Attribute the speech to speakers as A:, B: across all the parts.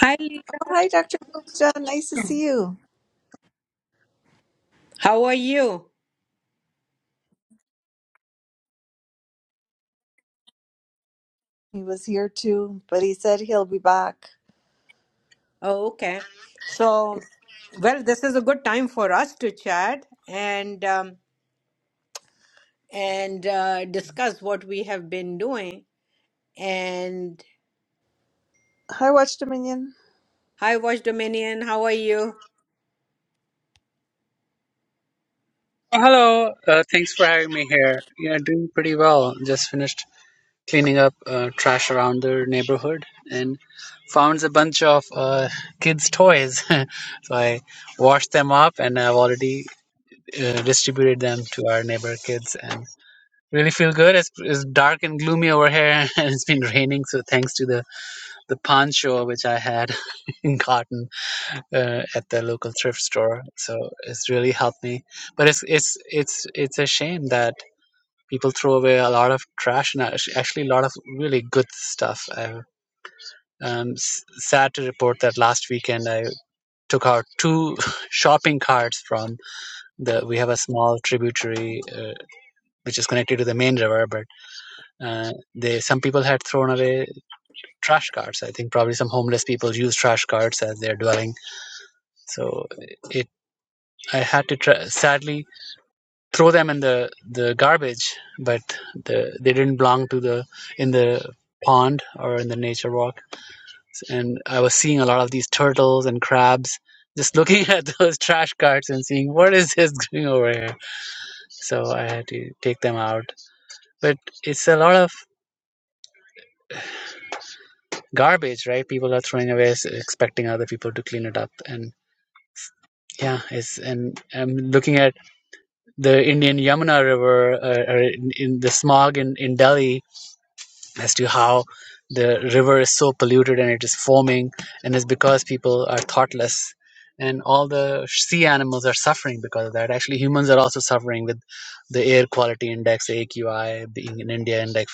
A: Hi, Lisa.
B: Oh, hi, Dr. Gupta. Nice to see you.
A: How are you?
B: He was here too, but he said he'll be back.
A: Oh, okay. So, well, this is a good time for us to chat and um, and uh, discuss what we have been doing. And
B: Hi, Watch Dominion.
A: hi, Watch Dominion. How are you?
C: Oh, hello. Uh, thanks for having me here. Yeah, doing pretty well. Just finished cleaning up uh, trash around the neighborhood and found a bunch of uh, kids' toys. so I washed them up and I've already uh, distributed them to our neighbor kids and really feel good. It's, it's dark and gloomy over here and it's been raining. So thanks to the, the poncho which I had gotten uh, at the local thrift store. So it's really helped me but it's it's it's it's a shame that people throw away a lot of trash and act- actually a lot of really good stuff. I, I'm s- sad to report that last weekend I took out two shopping carts from the. We have a small tributary uh, which is connected to the main river, but uh, they some people had thrown away trash carts. I think probably some homeless people use trash carts as their dwelling. So it I had to try, sadly throw them in the the garbage, but the they didn't belong to the in the pond or in the nature walk. And I was seeing a lot of these turtles and crabs, just looking at those trash carts and seeing what is this going over here. So I had to take them out. But it's a lot of garbage, right? People are throwing away, expecting other people to clean it up, and yeah, it's and I'm looking at the Indian Yamuna River uh, or in, in the smog in, in Delhi as to how the river is so polluted and it is foaming and it's because people are thoughtless and all the sea animals are suffering because of that actually humans are also suffering with the air quality index aqi being in india in like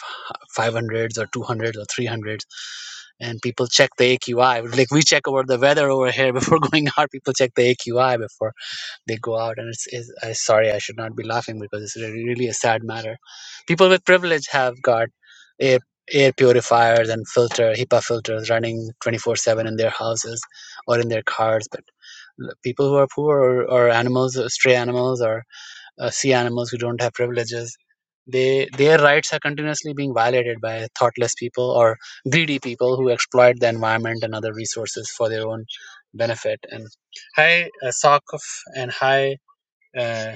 C: 500s or 200s or 300s and people check the aqi like we check over the weather over here before going out people check the aqi before they go out and it's, it's I, sorry i should not be laughing because it's really, really a sad matter people with privilege have got air, air purifiers and filter HIPAA filters running 24/7 in their houses or in their cars but l- people who are poor or, or animals or stray animals or uh, sea animals who don't have privileges they their rights are continuously being violated by thoughtless people or greedy people who exploit the environment and other resources for their own benefit and hi uh, Sakaf and hi uh,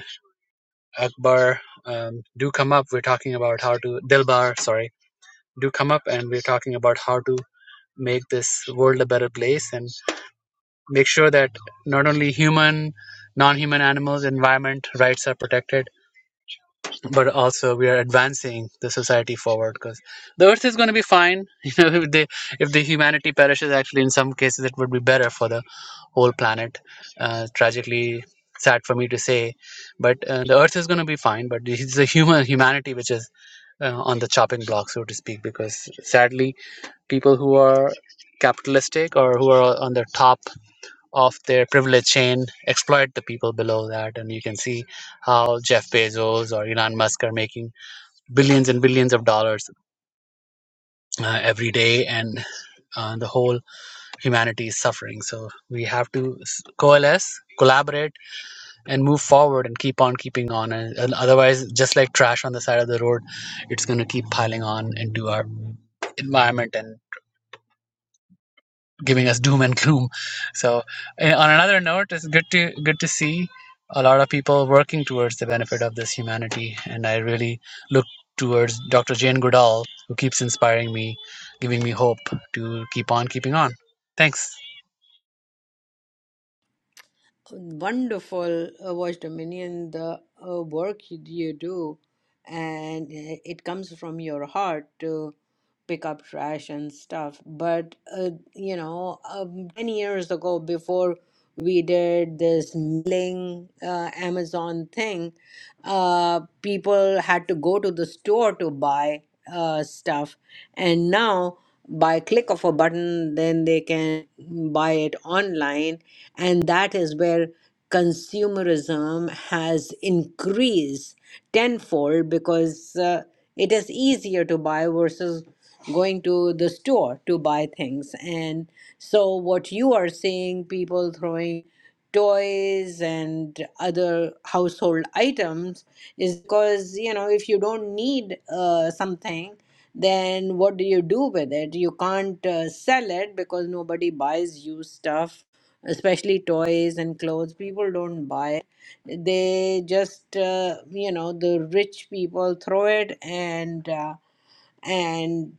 C: Akbar um, do come up. We're talking about how to Dilbar, sorry, do come up, and we're talking about how to make this world a better place and make sure that not only human, non-human animals, environment rights are protected, but also we are advancing the society forward because the earth is going to be fine. You know, if the if the humanity perishes, actually, in some cases, it would be better for the whole planet. Uh, tragically, sad for me to say, but uh, the Earth is going to be fine. But it's the human humanity which is uh, on the chopping block, so to speak, because sadly, people who are capitalistic or who are on the top of their privilege chain exploit the people below that and you can see how jeff bezos or elon musk are making billions and billions of dollars uh, every day and uh, the whole humanity is suffering so we have to s- coalesce collaborate and move forward and keep on keeping on and, and otherwise just like trash on the side of the road it's going to keep piling on into our environment and giving us doom and gloom so eh, on another note it's good to good to see a lot of people working towards the benefit of this humanity and i really look towards dr jane goodall who keeps inspiring me giving me hope to keep on keeping on thanks
A: wonderful uh, watch dominion the uh, work you you do and uh, it comes from your heart to pick up trash and stuff but uh, you know um, 10 years ago before we did this mailing uh, amazon thing uh, people had to go to the store to buy uh, stuff and now by click of a button then they can buy it online and that is where consumerism has increased tenfold because uh, it is easier to buy versus going to the store to buy things and so what you are seeing people throwing toys and other household items is because you know if you don't need uh, something then what do you do with it you can't uh, sell it because nobody buys you stuff especially toys and clothes people don't buy it they just uh, you know the rich people throw it and uh, and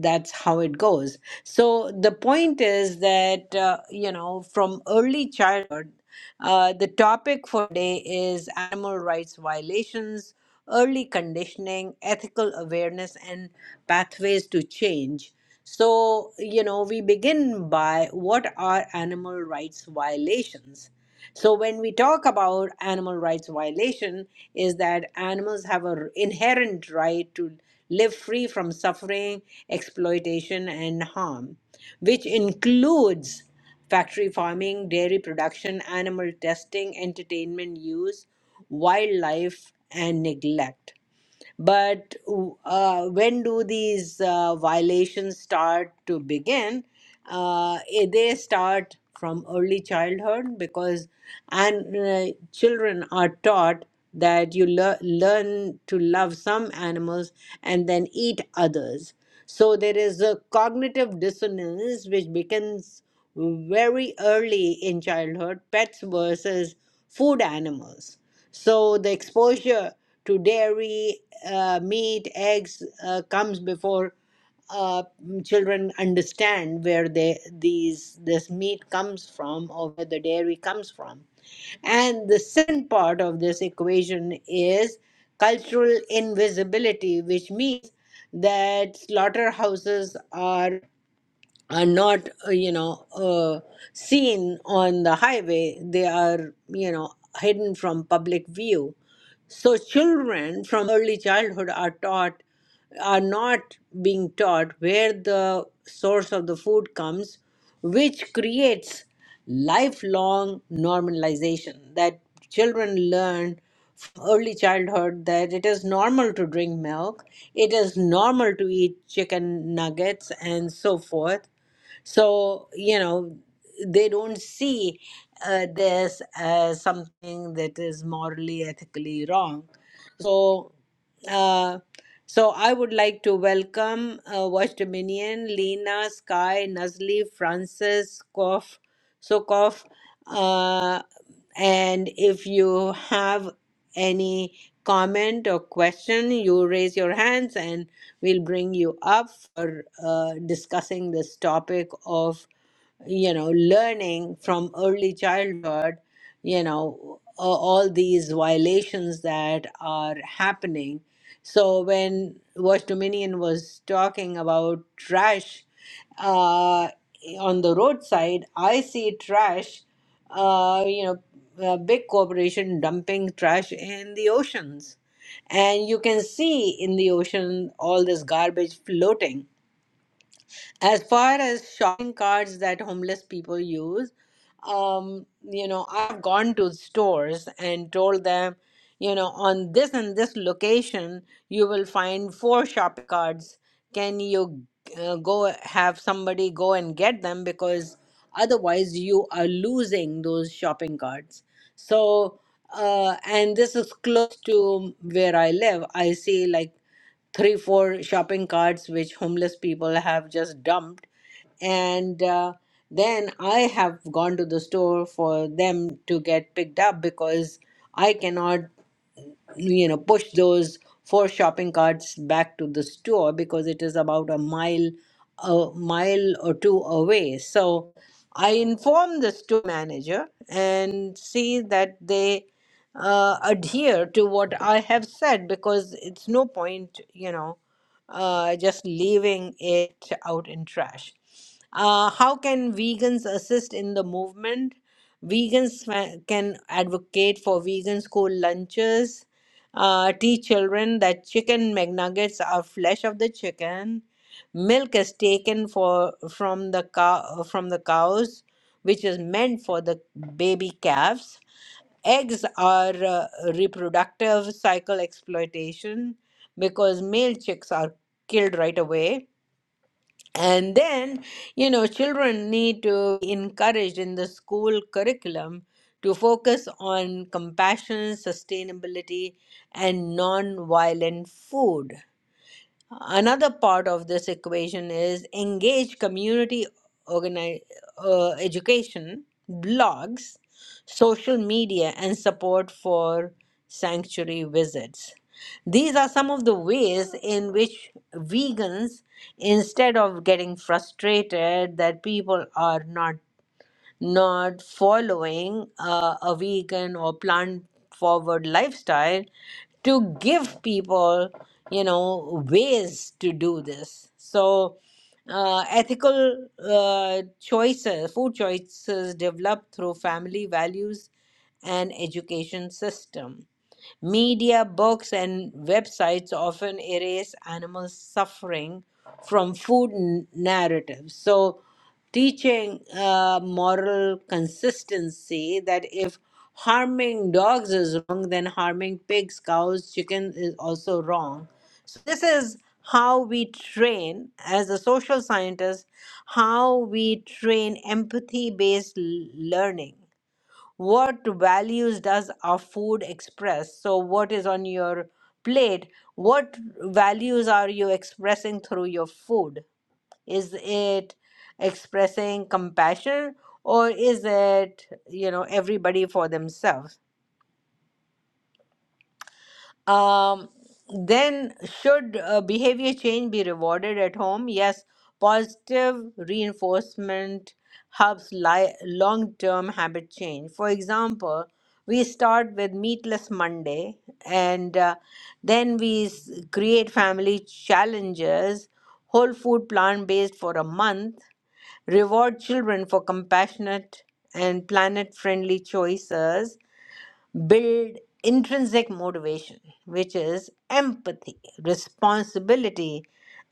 A: that's how it goes so the point is that uh, you know from early childhood uh, the topic for today is animal rights violations early conditioning ethical awareness and pathways to change so you know we begin by what are animal rights violations so when we talk about animal rights violation is that animals have an inherent right to live free from suffering exploitation and harm which includes factory farming dairy production animal testing entertainment use wildlife and neglect but uh, when do these uh, violations start to begin? Uh, eh, they start from early childhood because and uh, children are taught that you lear learn to love some animals and then eat others. So there is a cognitive dissonance which begins very early in childhood, pets versus food animals. So the exposure to dairy uh, meat, eggs uh, comes before uh, children understand where they these this meat comes from or where the dairy comes from. And the second part of this equation is cultural invisibility, which means that slaughterhouses are are not uh, you know uh, seen on the highway they are you know hidden from public view so children from early childhood are taught are not being taught where the source of the food comes which creates lifelong normalization that children learn from early childhood that it is normal to drink milk it is normal to eat chicken nuggets and so forth so, you know, they don't see uh, this as something that is morally, ethically wrong. So, uh, so I would like to welcome uh, Watch Dominion, Lena, Sky, Nazli, Francis, Kof, Sokov. And if you have any comment or question, you raise your hands and we'll bring you up for uh, discussing this topic of you know, learning from early childhood, you know, a- all these violations that are happening. So when Watch Dominion was talking about trash uh, on the roadside, I see trash, uh, you know, a big corporation dumping trash in the oceans. And you can see in the ocean all this garbage floating as far as shopping carts that homeless people use um you know i've gone to stores and told them you know on this and this location you will find four shopping carts can you uh, go have somebody go and get them because otherwise you are losing those shopping carts so uh, and this is close to where i live i see like three four shopping carts which homeless people have just dumped and uh, then i have gone to the store for them to get picked up because i cannot you know push those four shopping carts back to the store because it is about a mile a mile or two away so i inform the store manager and see that they uh, adhere to what i have said because it's no point you know uh, just leaving it out in trash uh, how can vegans assist in the movement vegans fa- can advocate for vegan school lunches uh, teach children that chicken McNuggets are flesh of the chicken. Milk is taken for from the cow from the cows, which is meant for the baby calves. Eggs are uh, reproductive cycle exploitation because male chicks are killed right away and then, you know, children need to be encouraged in the school curriculum to focus on compassion, sustainability, and non-violent food. Another part of this equation is engage community organi- uh, education, blogs, social media, and support for sanctuary visits. These are some of the ways in which vegans, instead of getting frustrated that people are not not following uh, a vegan or plant forward lifestyle to give people you know ways to do this so uh, ethical uh, choices food choices developed through family values and education system Media, books, and websites often erase animal suffering from food n- narratives. So, teaching uh, moral consistency that if harming dogs is wrong, then harming pigs, cows, chicken is also wrong. So, this is how we train as a social scientist, how we train empathy based learning what values does our food express so what is on your plate what values are you expressing through your food is it expressing compassion or is it you know everybody for themselves Um, then, should uh, behavior change be rewarded at home? Yes, positive reinforcement helps li- long term habit change. For example, we start with Meatless Monday and uh, then we s- create family challenges, whole food plant based for a month, reward children for compassionate and planet friendly choices build intrinsic motivation, which is empathy, responsibility,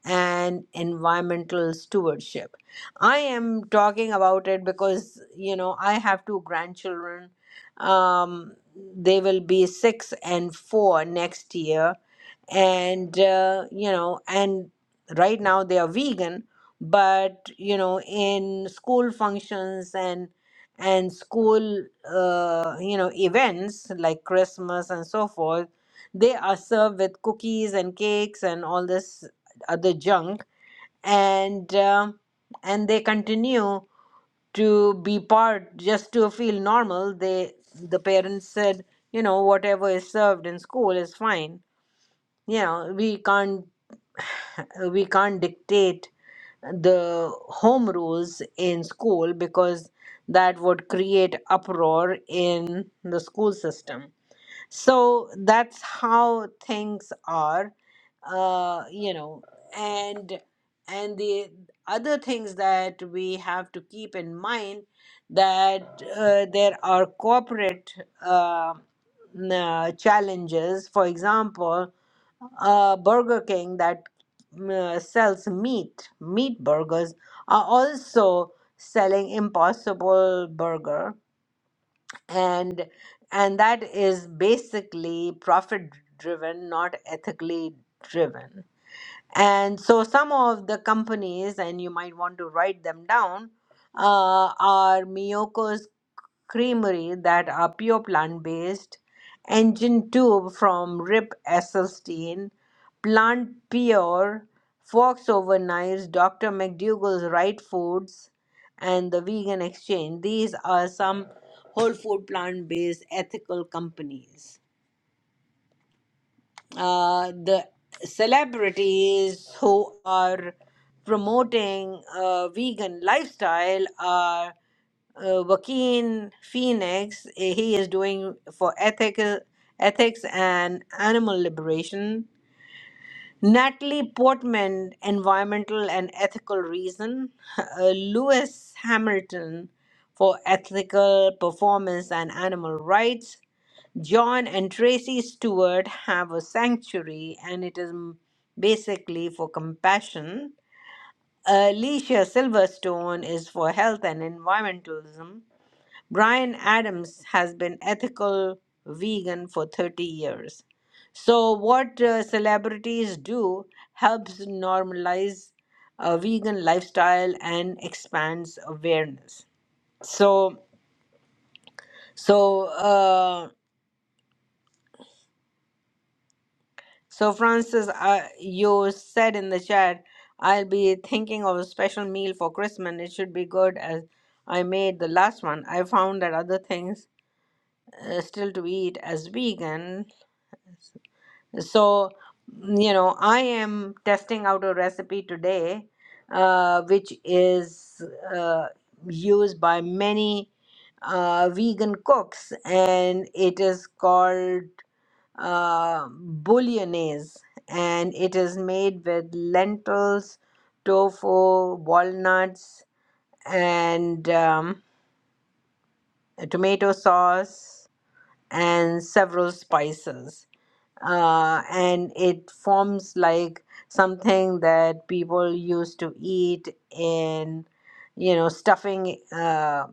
A: and environmental stewardship. I am talking about it because, you know, I have two grandchildren. Um, they will be six and four next year and uh, you know and right now they are vegan but you know in school functions and and school uh, you know events like christmas and so forth they are served with cookies and cakes and all this other junk and um and they continue to be part just to feel normal they the parents said you know whatever is served in school is fine yeah, we can't we can't dictate the home rules in school because that would create uproar in the school system. So that's how things are, uh, you know, and and the other things that we have to keep in mind that uh, there are corporate uh, n- uh, challenges. For example, uh, Burger King that mm, uh, sells meat, meat burgers, are also selling Impossible Burger, and and that is basically profit driven, not ethically driven. And so some of the companies, and you might want to write them down, uh, are Miyoko's Creamery that are pure plant based, Engine 2 from Rip Esselstyn, Plant Pure, Fox Over Knives, Dr. McDougall's Right Foods, and the Vegan Exchange. These are some whole food plant based ethical companies. Uh, the celebrities who are promoting a vegan lifestyle are uh, Joaquin Phoenix. eh, He is doing for ethical ethics and animal liberation Natalie Portman, Environmental and Ethical Reason. Uh, Lewis Hamilton for Ethical Performance and Animal Rights. John and Tracy Stewart have a sanctuary, and it is m- basically for compassion. Uh, Alicia Silverstone is for health and environmentalism. Brian Adams has been ethical vegan for 30 years. So, what uh, celebrities do helps normalize a vegan lifestyle and expands awareness. So, so, uh, so Francis, uh, you said in the chat, I'll be thinking of a special meal for Christmas. and It should be good as I made the last one. I found that other things uh, still to eat as vegan So, you know, I am testing out a recipe today, uh, which is uh, used by many uh, vegan cooks, and it is called uh, bouillonnaise, and it is made with lentils, tofu, walnuts, and um, tomato sauce, and several spices uh, and it forms like something that people used to eat in, you know, stuffing, uh,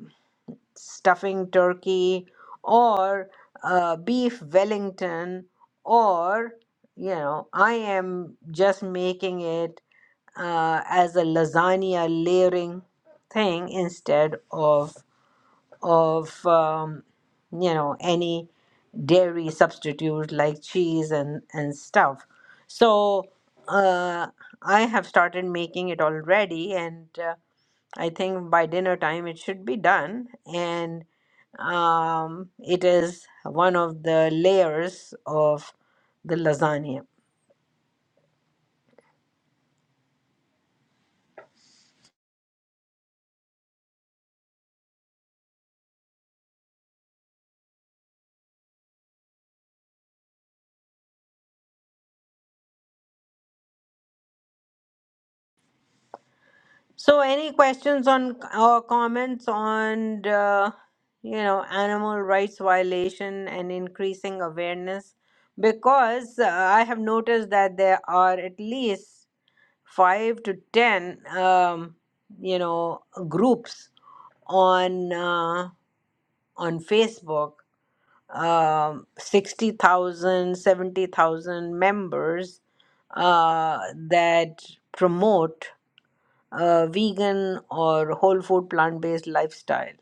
A: stuffing turkey or uh, beef Wellington, or, you know, I am just making it uh, as a lasagna layering thing instead of of um, you know any dairy substitute like cheese and and stuff so uh, i have started making it already and uh, i think by dinner time it should be done and um, it is one of the layers of the lasagna So, any questions on or comments on uh, you know animal rights violation and increasing awareness? Because uh, I have noticed that there are at least five to ten um, you know groups on uh, on Facebook, um, 60,000, members uh, that promote uh, vegan or whole food plant based lifestyle.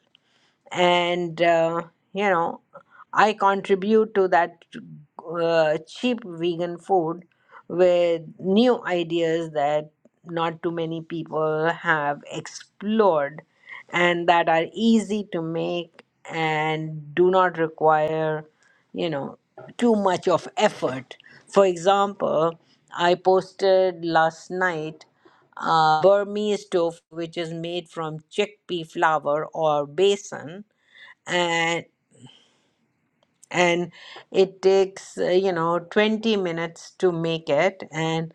A: And, uh, you know, I contribute to that uh, cheap vegan food with new ideas that not too many people have explored and that are easy to make and do not require, you know, too much of effort. For example, I posted last night uh, Burmese tofu, which is made from chickpea flour or besan, and and it takes uh, you know 20 minutes to make it, and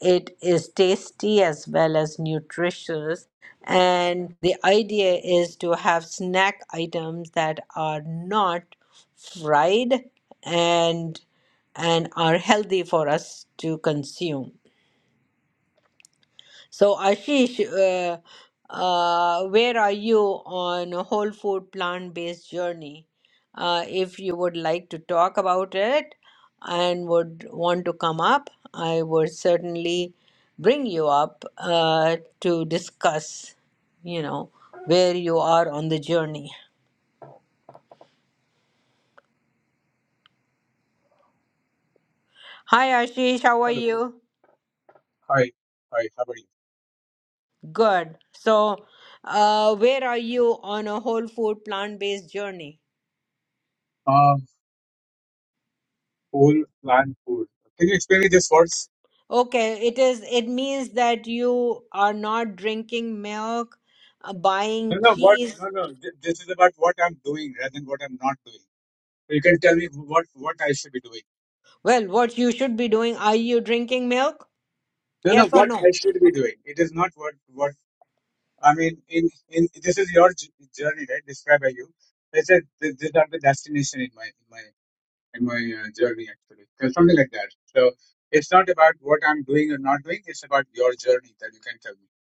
A: it is tasty as well as nutritious. And the idea is to have snack items that are not fried and and are healthy for us to consume. So, Ashish, uh, uh, where are you on a whole food plant-based journey? Uh, if you would like to talk about it and would want to come up, I would certainly bring you up uh, to discuss, you know, where you are on the journey. Hi, Ashish, how are
D: Hello.
A: you?
D: Hi. Hi. How are you?
A: Good. So, uh, where are you on a whole food plant-based journey?
D: Um, whole plant food. Can you explain me this words?
A: Okay, it is it means that you are not drinking milk, uh,
D: No,
A: buying
D: no. What?
A: cheese.
D: No, no. th- This is about what I'm doing rather than what I'm not doing. You can tell me what what I should be doing.
A: Well, what you should be doing, are you drinking milk?
D: No, no.
A: Yes or
D: What
A: no?
D: I should be doing. It is not what what I mean. In in this is your j- journey, right? Described by you. They said th- these are the destination in my in my in my uh, journey actually, So something like that. So it's not about what I'm doing or not doing. It's about your journey that you can tell me.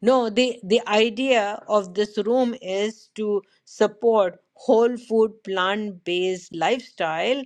A: No, the the idea of this room is to support whole food plant-based lifestyle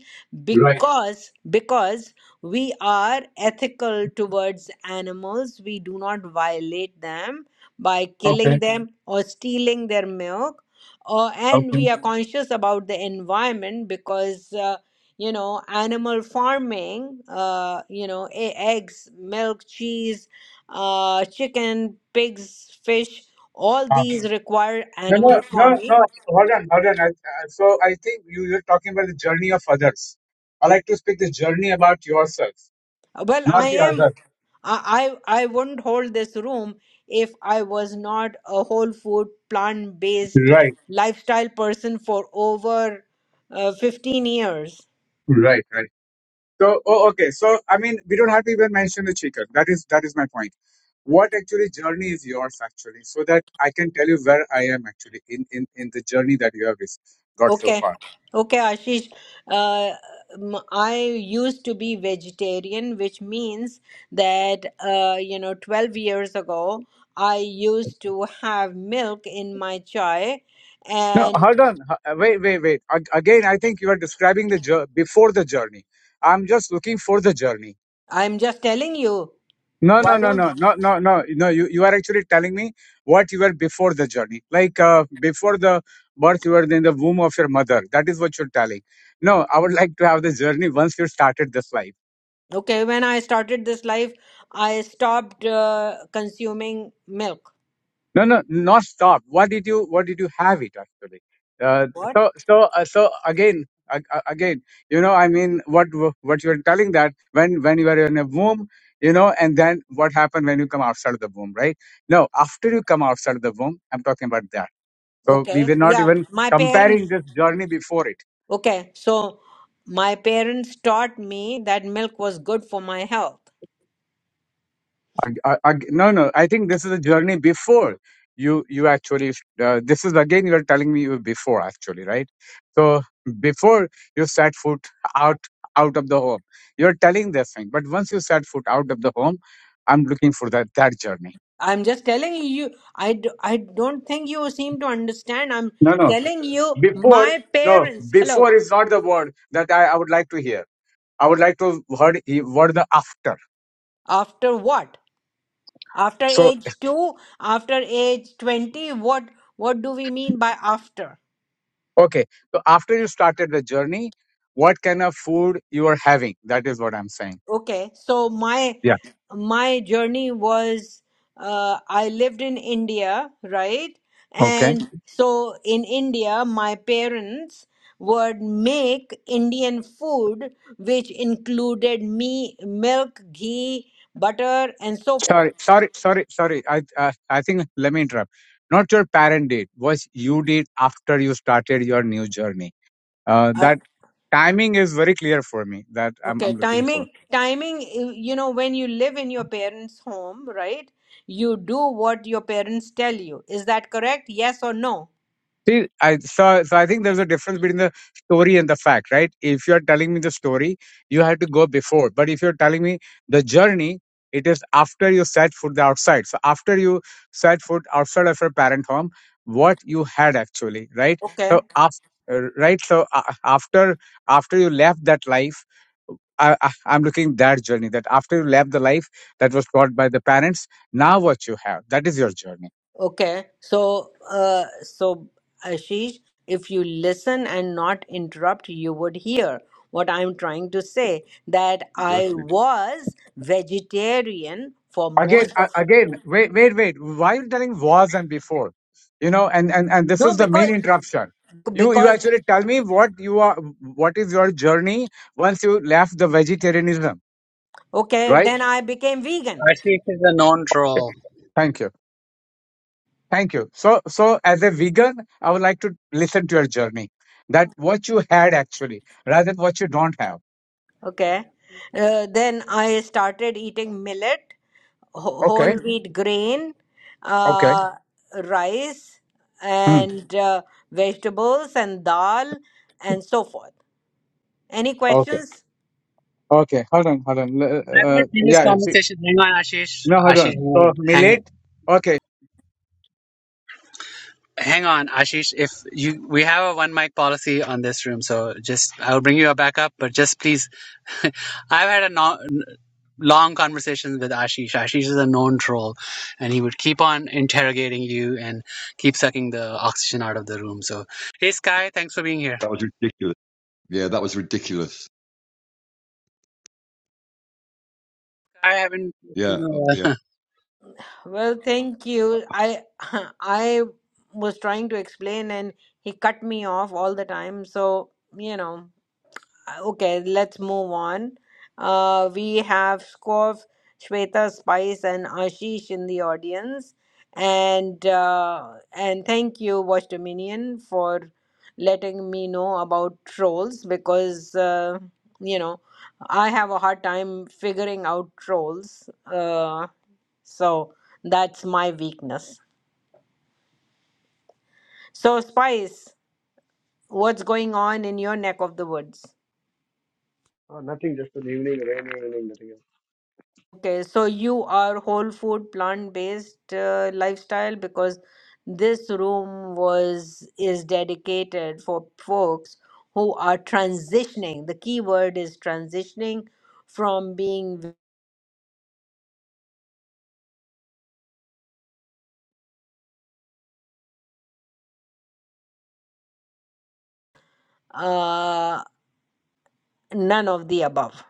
D: Right.
A: because because we are ethical towards animals. We do not violate them by killing
D: Okay.
A: them or stealing their milk. Or and we
D: Okay.
A: are conscious about the environment because uh, you know animal farming, uh, you know, e- eggs, milk, cheese uh, chicken, pigs, fish, all these require
D: No, no,
A: animal
D: no,
A: farming.
D: no. Hold on, hold on. I, I- so I think you, you're talking about the journey of others. I like to speak the journey about yourself,
A: Well, I
D: not the
A: am,
D: other.
A: I, I I wouldn't hold this room if I was not a whole food, plant-based
D: Right,
A: lifestyle person for over uh, 15 years.
D: right, right. So, oh, okay. So, I mean, we don't have to even mention the chicken. That is, that is my point. What actually journey is yours actually, so that I can tell you where I am actually in in in the journey that you have ris- got so
A: Okay,
D: far.
A: okay, Ashish. Uh, m- I used to be vegetarian, which means that uh, you know, 12 years ago, I used to have milk in my chai,
D: No,
A: and
D: hold on. H- Wait, wait, wait. Ag- Again, I think you are describing the jour- before the journey. I'm just looking for the journey.
A: I'm just telling you,
D: No, no,
A: why
D: no,
A: don't?
D: no, no, no, no. No, you, you are actually telling me what you were before the journey. Like uh, before the birth, you were in the womb of your mother. That is what you're telling. No, I would like to have the journey once you started this life.
A: Okay, when I started this life, I stopped uh, consuming milk.
D: No, no, not stop. What did you, what did you have it actually? Uh,
A: What?
D: so, so, uh, so again, ag- ag- again, you know, I mean, what, what you're telling that when, when you were in a womb, you know, and then what happened when you come outside of the womb, right? No, after you come outside of the womb, I'm talking about that So we
A: Okay,
D: were not
A: yeah,
D: even
A: my parents.
D: comparing this journey before it.
A: Okay, so my parents taught me that milk was good for my health
D: Ag- ag- ag- No, no. I think this is a journey before you. You actually. Uh, this is again. You are telling me you before actually, right? So before you set foot out out of the home, you are telling this thing. But once you set foot out of the home, I'm looking for that that journey.
A: I'm just telling you, you- I, d- I don't think you seem to understand. I'm
D: No, no.
A: telling you,
D: Before
A: my
D: no.
A: parents, hello,
D: Before is not the word that I, I would like to hear. I would like to heard heard the after.
A: after what? After
D: So.
A: age two, after age 20, what, what do we mean by after?
D: Okay. So after you started the journey, what kind of food you are having? That is what I'm saying.
A: Okay, so my
D: Yeah.
A: my journey was uh, I lived in India, right?
D: Okay.
A: And so in India, my parents would make Indian food, which included me, milk, ghee, butter, and so forth.
D: Sorry, sorry, sorry, sorry. I uh, I think let me interrupt. Not your parent did. Was you did after you started your new journey? Uh,
A: Uh,
D: that timing is very clear for me. That I'm
A: okay,
D: I'm looking for.
A: timing, timing, you you know, when you live in your parents' home, right? You do what your parents tell you. Is that correct? Yes or no?
D: See, I so, so I think there's a difference between the story and the fact, right? If you're telling me the story, you have to go before. But if you're telling me the journey, it is after you set foot outside. So after you set foot outside of your parent home, what you had actually, right?
A: Okay.
D: So after, right? So uh, after after you left that life, I, I, I'm looking that journey. That after you left the life that was taught by the parents, now what you have, that is your journey.
A: Okay, so uh, so Ashish, if you listen and not interrupt, you would hear what I'm trying to say. That I
E: Exactly.
A: was vegetarian for
D: again
A: most
D: a-
A: of
D: again wait wait wait why are you telling was and before you know and and and this
A: no,
D: is the
A: because
D: main interruption you you
A: because
D: actually tell me what you are what is your journey once you left the vegetarianism
A: okay,
D: right
A: then I became vegan.
C: ashish is a known troll
D: thank you thank you so so as a vegan i would like to listen to your journey that what you had actually rather than what you don't have
F: give an
A: Okay,
F: answer.
A: uh, then I started eating millet, wh-
D: okay
A: whole wheat grain,
D: okay
A: uh, rice,
D: hmm.
A: and uh, vegetables and dal and so forth Any
D: okay
A: questions?
D: okay hold on hold on L- uh,
C: i've
D: uh,
C: had previous
D: yeah see,
C: conversation hang on ashish
D: no hold on
C: ashish
D: so
C: hang
D: millet okay
C: Hang on, Ashish. If you, we have a one mic policy on this room, so just I'll bring you a backup. But just please, I've had a no, long conversation with Ashish. Ashish is a known troll, and he would keep on interrogating you and keep sucking the oxygen out of the room. So, hey Sky, thanks for being here.
E: That was ridiculous. Yeah, that was ridiculous.
C: I haven't.
E: Yeah, uh, yeah.
A: Well, thank you. I I was trying to explain and he cut me off all the time. So, you know, uh, okay, let's move on. Uh, we have Skov, Shweta, Spice, and Ashish in the audience. And uh, and thank you, Watch Dominion, for letting me know about trolls because uh, you know I have a hard time figuring out trolls. Uh, So that's my weakness. So, Spice, what's going on in your neck of the woods?
G: Oh, nothing, just an evening, rainy evening, nothing else.
A: Okay, so you are whole food, plant-based uh, lifestyle because this room was is dedicated for folks who are transitioning. The key word is transitioning from being uh, none of the above.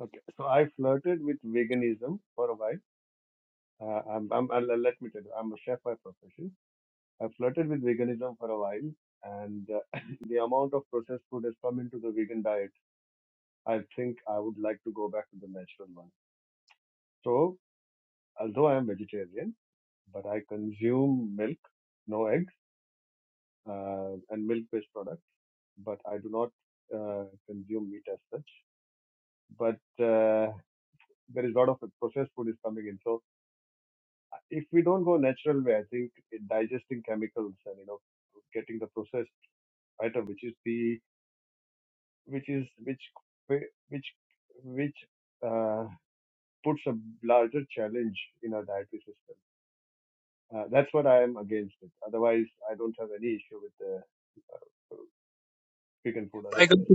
G: Okay. So I flirted with veganism for a while. Uh, I'm, I'm, i let me tell you, I'm a chef by profession. I flirted with veganism for a while, and uh, the amount of processed food has come into the vegan diet. I think I would like to go back to the natural one. So, although I am vegetarian, but I consume milk, no eggs, uh, and milk-based products, but I do not uh, consume meat as such. But uh, there is a lot of processed food is coming in. So if we don't go natural way, I think in digesting chemicals and you know getting the processed item, which is the which is which which which uh, puts a larger challenge in our dietary system. Uh, that's what I am against it. Otherwise, I don't have any issue with the vegan food.
C: Uh, I go.
G: Otherwise,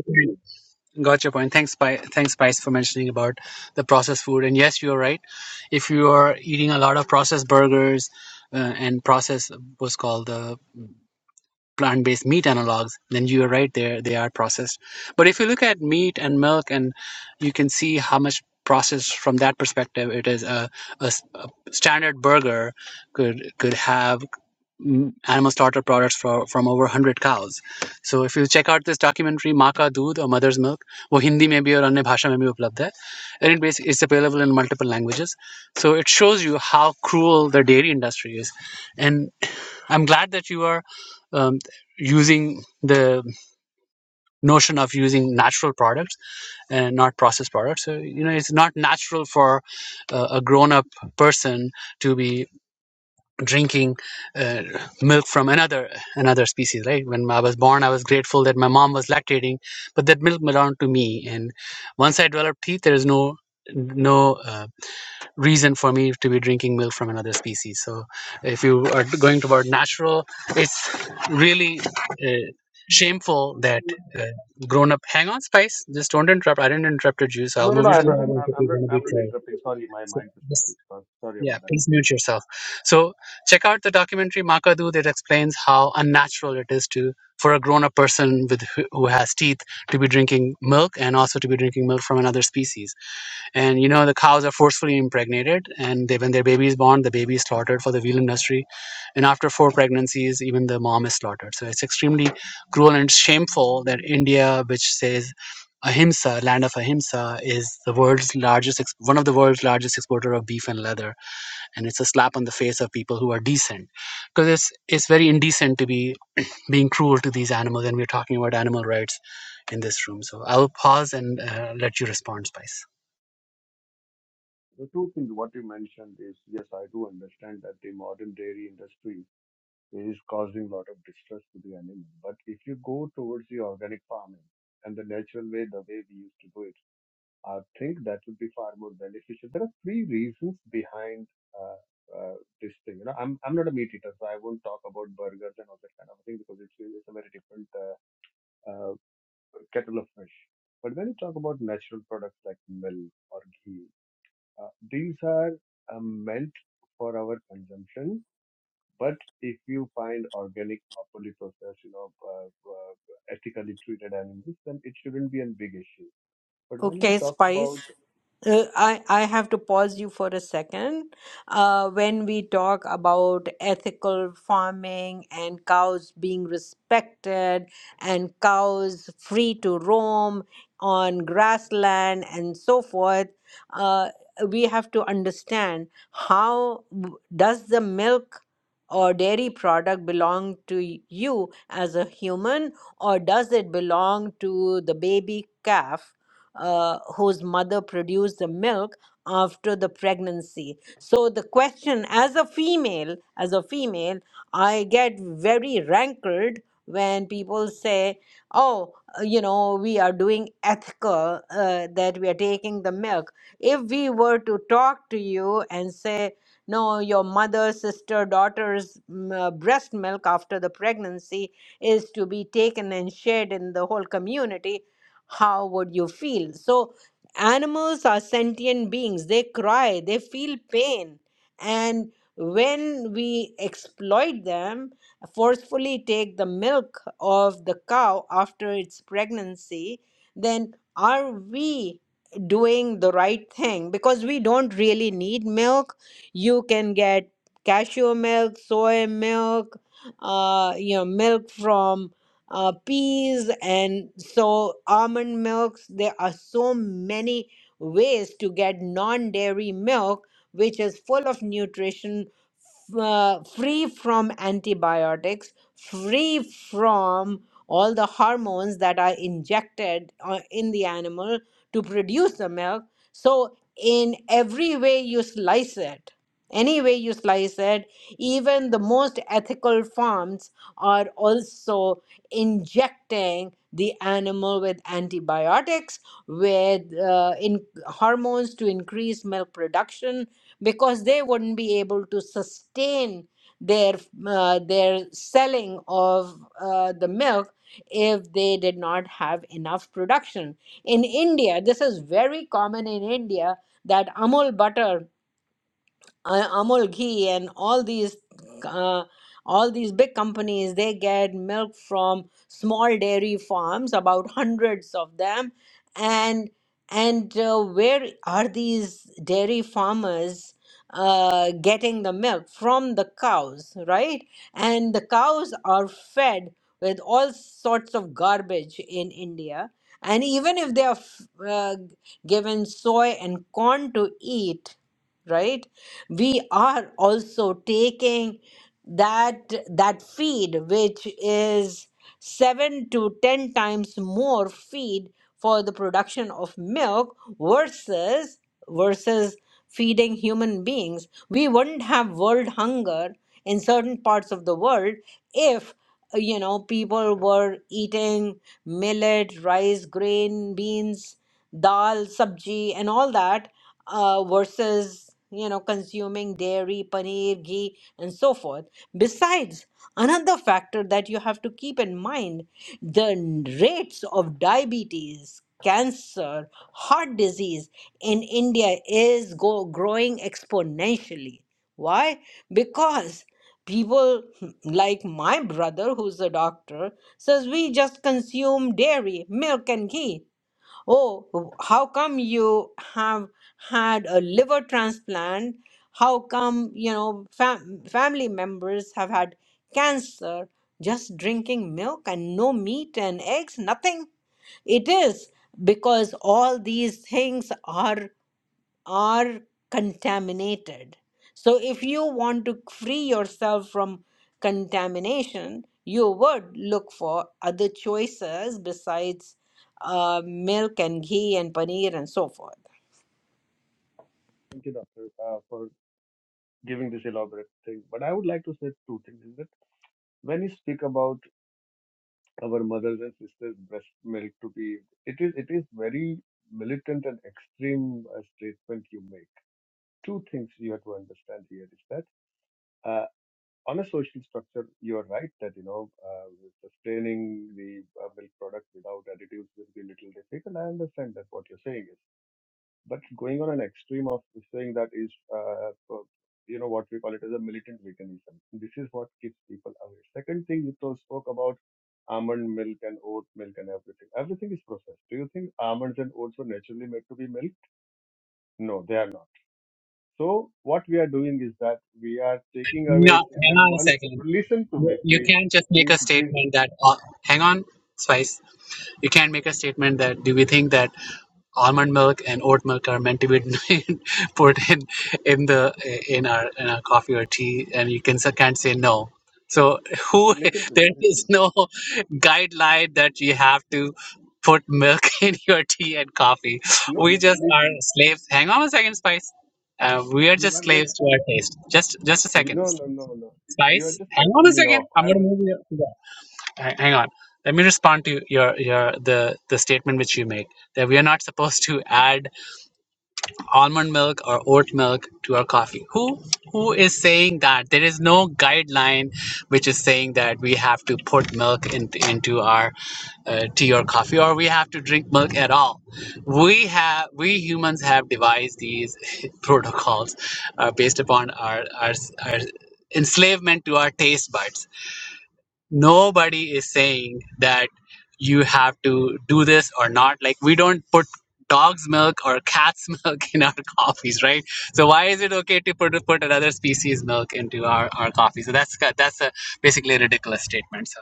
C: Got your point. Thanks, Pi. Thanks, Spice, for mentioning about the processed food. And yes, you're right. If you are eating a lot of processed burgers uh, and processed what's called the plant-based meat analogs, then you are right. There, they are processed. But if you look at meat and milk, and you can see how much processed from that perspective it is. A, a s- a standard burger could could have mm, animal slaughter products for, from over 100 cows. So if you check out this documentary, Maa Ka Doodh or Mother's Milk, वो हिंदी में भी और अन्य भाषा में भी उपलब्ध है and it basically it's available in multiple languages. So it shows you how cruel the dairy industry is. And I'm glad that you are um, using the notion of using natural products and not processed products. So, you know, it's not natural for uh, a grown up person to be drinking uh, milk from another another species right when i was born i was grateful that my mom was lactating but that milk belonged to me and once i developed teeth there is no no uh, reason for me to be drinking milk from another species so if you are going toward natural it's really uh, shameful that
G: no,
C: uh, grown up hang on spice just don't interrupt i didn't interrupt your juice i'll
G: no,
C: move
G: no.
C: you to
G: I'm
C: the
G: not. I'm
C: audience
G: not.
C: if
G: I'm
C: you're
G: not,
C: going to be
G: I'm not
C: true
G: interrupting. Sorry, my
C: so,
G: mind was
C: yes.
G: was- Sorry
C: Yeah,
G: about that.
C: please mute yourself. So check out the documentary Makadu that explains how unnatural it is to for a grown-up person with who who has teeth to be drinking milk and also to be drinking milk from another species. And you know the cows are forcefully impregnated, and they, when their baby is born, the baby is slaughtered for the veal industry, and after four pregnancies, even the mom is slaughtered. So it's extremely cruel and shameful that India, which says ahimsa land of ahimsa is the world's largest ex- one of the world's largest exporter of beef and leather and it's a slap on the face of people who are decent because it's it's very indecent to be being cruel to these animals and we're talking about animal rights in this room so i'll pause and uh, let you respond spice
G: The two things what you mentioned is yes, I do understand that the modern dairy industry is causing a lot of distress to the animal. But if you go towards the organic farming and the natural way, the way we used to do it, I think that would be far more beneficial. There are three reasons behind uh, uh, this thing. You know, I'm I'm not a meat eater, so I won't talk about burgers and all that kind of thing because it's, it's a very different uh, uh, kettle of fish. But when you talk about natural products like milk or ghee, uh, these are uh, meant for our consumption, but if you find organic, properly processed, you know, uh, uh, ethically treated animals, then it shouldn't be a big issue. But when we
A: Okay,
G: talk
A: Spice.
G: about,
A: Uh, I, I have to pause you for a second. Uh, when we talk about ethical farming and cows being respected and cows free to roam on grassland and so forth, uh, we have to understand how w- does the milk or dairy product belong to y- you as a human or does it belong to the baby calf uh, whose mother produced the milk after the pregnancy so the question as a female as a female i get very rankled when people say oh uh, you know we are doing ethical uh, that we are taking the milk if we were to talk to you and say no your mother sister daughter's mm, uh, breast milk after the pregnancy is to be taken and shared in the whole community how would you feel? So, animals are sentient beings. They cry, they feel pain. And when we exploit them, forcefully take the milk of the cow after its pregnancy, then are we doing the right thing? Because we don't really need milk. You can get cashew milk, soy milk, uh, you know, milk from uh, peas and so almond milks. There are so many ways to get non dairy milk, which is full of nutrition, f- uh, free from antibiotics, free from all the hormones that are injected uh, in the animal to produce the milk. So, in every way you slice it, any way you slice it, even the most ethical farms are also injecting the animal with antibiotics, with uh, in hormones to increase milk production, because they wouldn't be able to sustain their uh, their selling of uh, the milk if they did not have enough production. In India, this is very common in India that Amul butter uh, Amul ghee and all these uh, all these big companies they get milk from small dairy farms about hundreds of them and and uh, where are these dairy farmers uh, getting the milk from the cows right and the cows are fed with all sorts of garbage in india and even if they are f- uh, given soy and corn to eat right we are also taking that that feed which is 7 to 10 times more feed for the production of milk versus versus feeding human beings we wouldn't have world hunger in certain parts of the world if you know people were eating millet rice grain beans dal sabji and all that uh, versus you know consuming dairy paneer ghee and so forth besides another factor that you have to keep in mind the n- rates of diabetes cancer heart disease in india is go- growing exponentially why because people like my brother who's a doctor says we just consume dairy milk and ghee Oh, how come you have had a liver transplant? How come, you know, fam family members have had cancer? Just drinking milk and no meat and eggs, nothing. It is because all these things are are contaminated. So, if you want to free yourself from contamination, you would look for other choices besides uh, milk and ghee and paneer and so forth.
G: thank you, doctor, uh, for giving this elaborate thing. But I would like to say two things: is that when you speak about our mothers and sisters' breast milk to be, it is it is very militant and extreme uh, statement you make. Two things you have to understand here is that. Uh, on a social structure, you are right that, you know, uh, sustaining the uh, milk product without additives will be a little difficult. I understand that what you're saying is. But going on an extreme of saying that is, uh, uh, you know, what we call it as a militant veganism. This is what keeps people away. Second thing, you told- spoke about almond milk and oat milk and everything. Everything is processed. Do you think almonds and oats were naturally made to be milk? No, they are not so what we are doing is that we are taking away
C: no
G: saying
C: hang
G: that
C: on a
G: one,
C: second
G: listen to
C: you
G: me,
C: you
G: please,
C: can't just make
G: please,
C: a
G: please,
C: statement that uh, hang on spice You can't make a statement that do we think that almond milk and oat milk are meant to be put in in the in our in our coffee or tea, and you can can't say no. So who
G: listen to me,
C: there
G: listen
C: is
G: to me.
C: no guideline that you have to put milk in your tea and coffee.
G: No,
C: We
G: no, no,
C: just are
G: listen.
C: slaves. Hang on a second, Spice. Uh, we are
G: you are
C: just
G: just,
C: slaves to our taste. Just just a second,
G: no, no, no, no. You are
C: Spice.
G: just
C: Hang on
G: cutting
C: a
G: me
C: second.
G: off.
C: I'm
G: I
C: gonna
G: was.
C: move you hang, hang on. Let me respond to your your the the statement which you make that we are not supposed to add almond milk or oat milk to our coffee. Who who is saying that? There is no guideline which is saying that we have to put milk in, into our uh, tea or coffee or we have to drink milk at all. We have we humans have devised these protocols uh, based upon our, our our enslavement to our taste buds nobody is saying that you have to do this or not like we don't put dog's milk or cat's milk in our coffees right so why is it okay to put put another species milk into our, our coffee so that's that's a basically a ridiculous statement So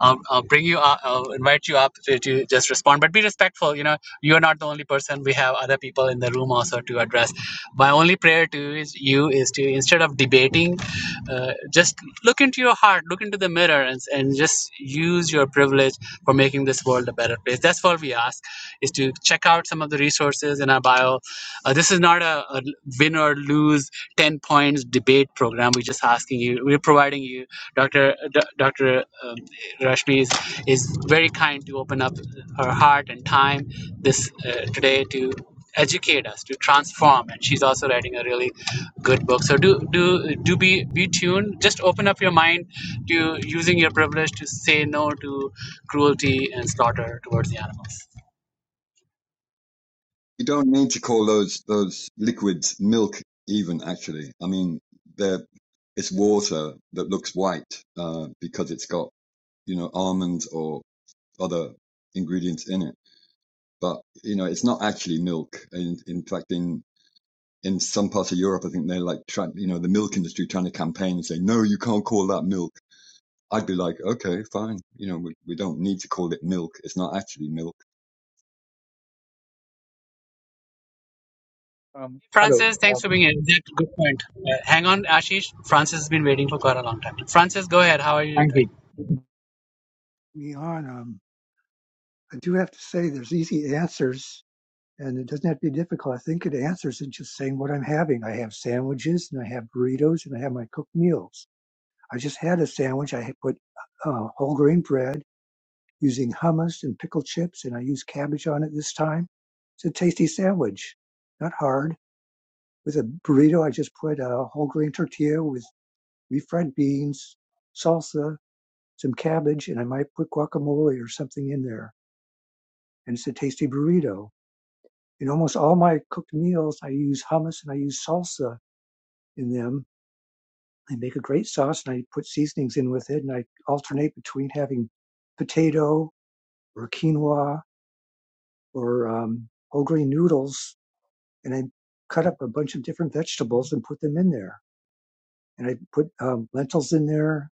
C: um, uh, bring you up, uh, invite you up to, to just respond. But be respectful. You know, you're not the only person. We have other people in the room also to address. My only prayer to you is, you is to instead of debating, uh, just look into your heart, look into the mirror, and, and just use your privilege for making this world a better place. That's that's what we ask is to check out some of the resources in our bio. Uh, this is not a, a win or lose 10 points debate program. We're just asking you, we're providing you, Dr. D- Dr. Um, Rashmi is, is very kind to open up her heart and time this uh, today to educate us, to transform. And she's also writing a really Good book. So do do do be be tuned. Just open up your mind to using your privilege to say no to cruelty and slaughter towards the animals.
E: You don't need to call those those liquids milk even actually. I mean, they're it's water that looks white uh, because it's got you know almonds or other ingredients in it. But you know, it's not actually milk. In, in fact, in in some parts of Europe, I think they're like trying, you know, the milk industry trying to campaign and say, no, you can't call that milk. I'd be like, okay, fine. You know, we, we don't need to call it milk. It's not actually milk.
D: um, hello
C: Francis, thanks
D: um,
C: for being here. That's a good point. Uh, hang on, Ashish. Francis has been waiting for quite a long time. Francis, go ahead. How are you
D: thank you
C: doing?
F: Me on. Um, I do have to say there's easy answers and it doesn't have to be difficult. I think it answers in just saying what I'm having. I have sandwiches and I have burritos and I have my cooked meals. I just had a sandwich. I had put uh, whole grain bread using hummus and pickled chips and I used cabbage on it this time. It's a tasty sandwich, not hard. With a burrito, I just put a whole grain tortilla with refried beans, salsa, some cabbage, and I might put guacamole or something in there and it's a tasty burrito. In almost all my cooked meals, I use hummus and I use salsa in them. I make a great sauce and I put seasonings in with it, and I alternate between having potato or quinoa or um, whole grain noodles, and I cut up a bunch of different vegetables and put them in there. And I put um, lentils in there,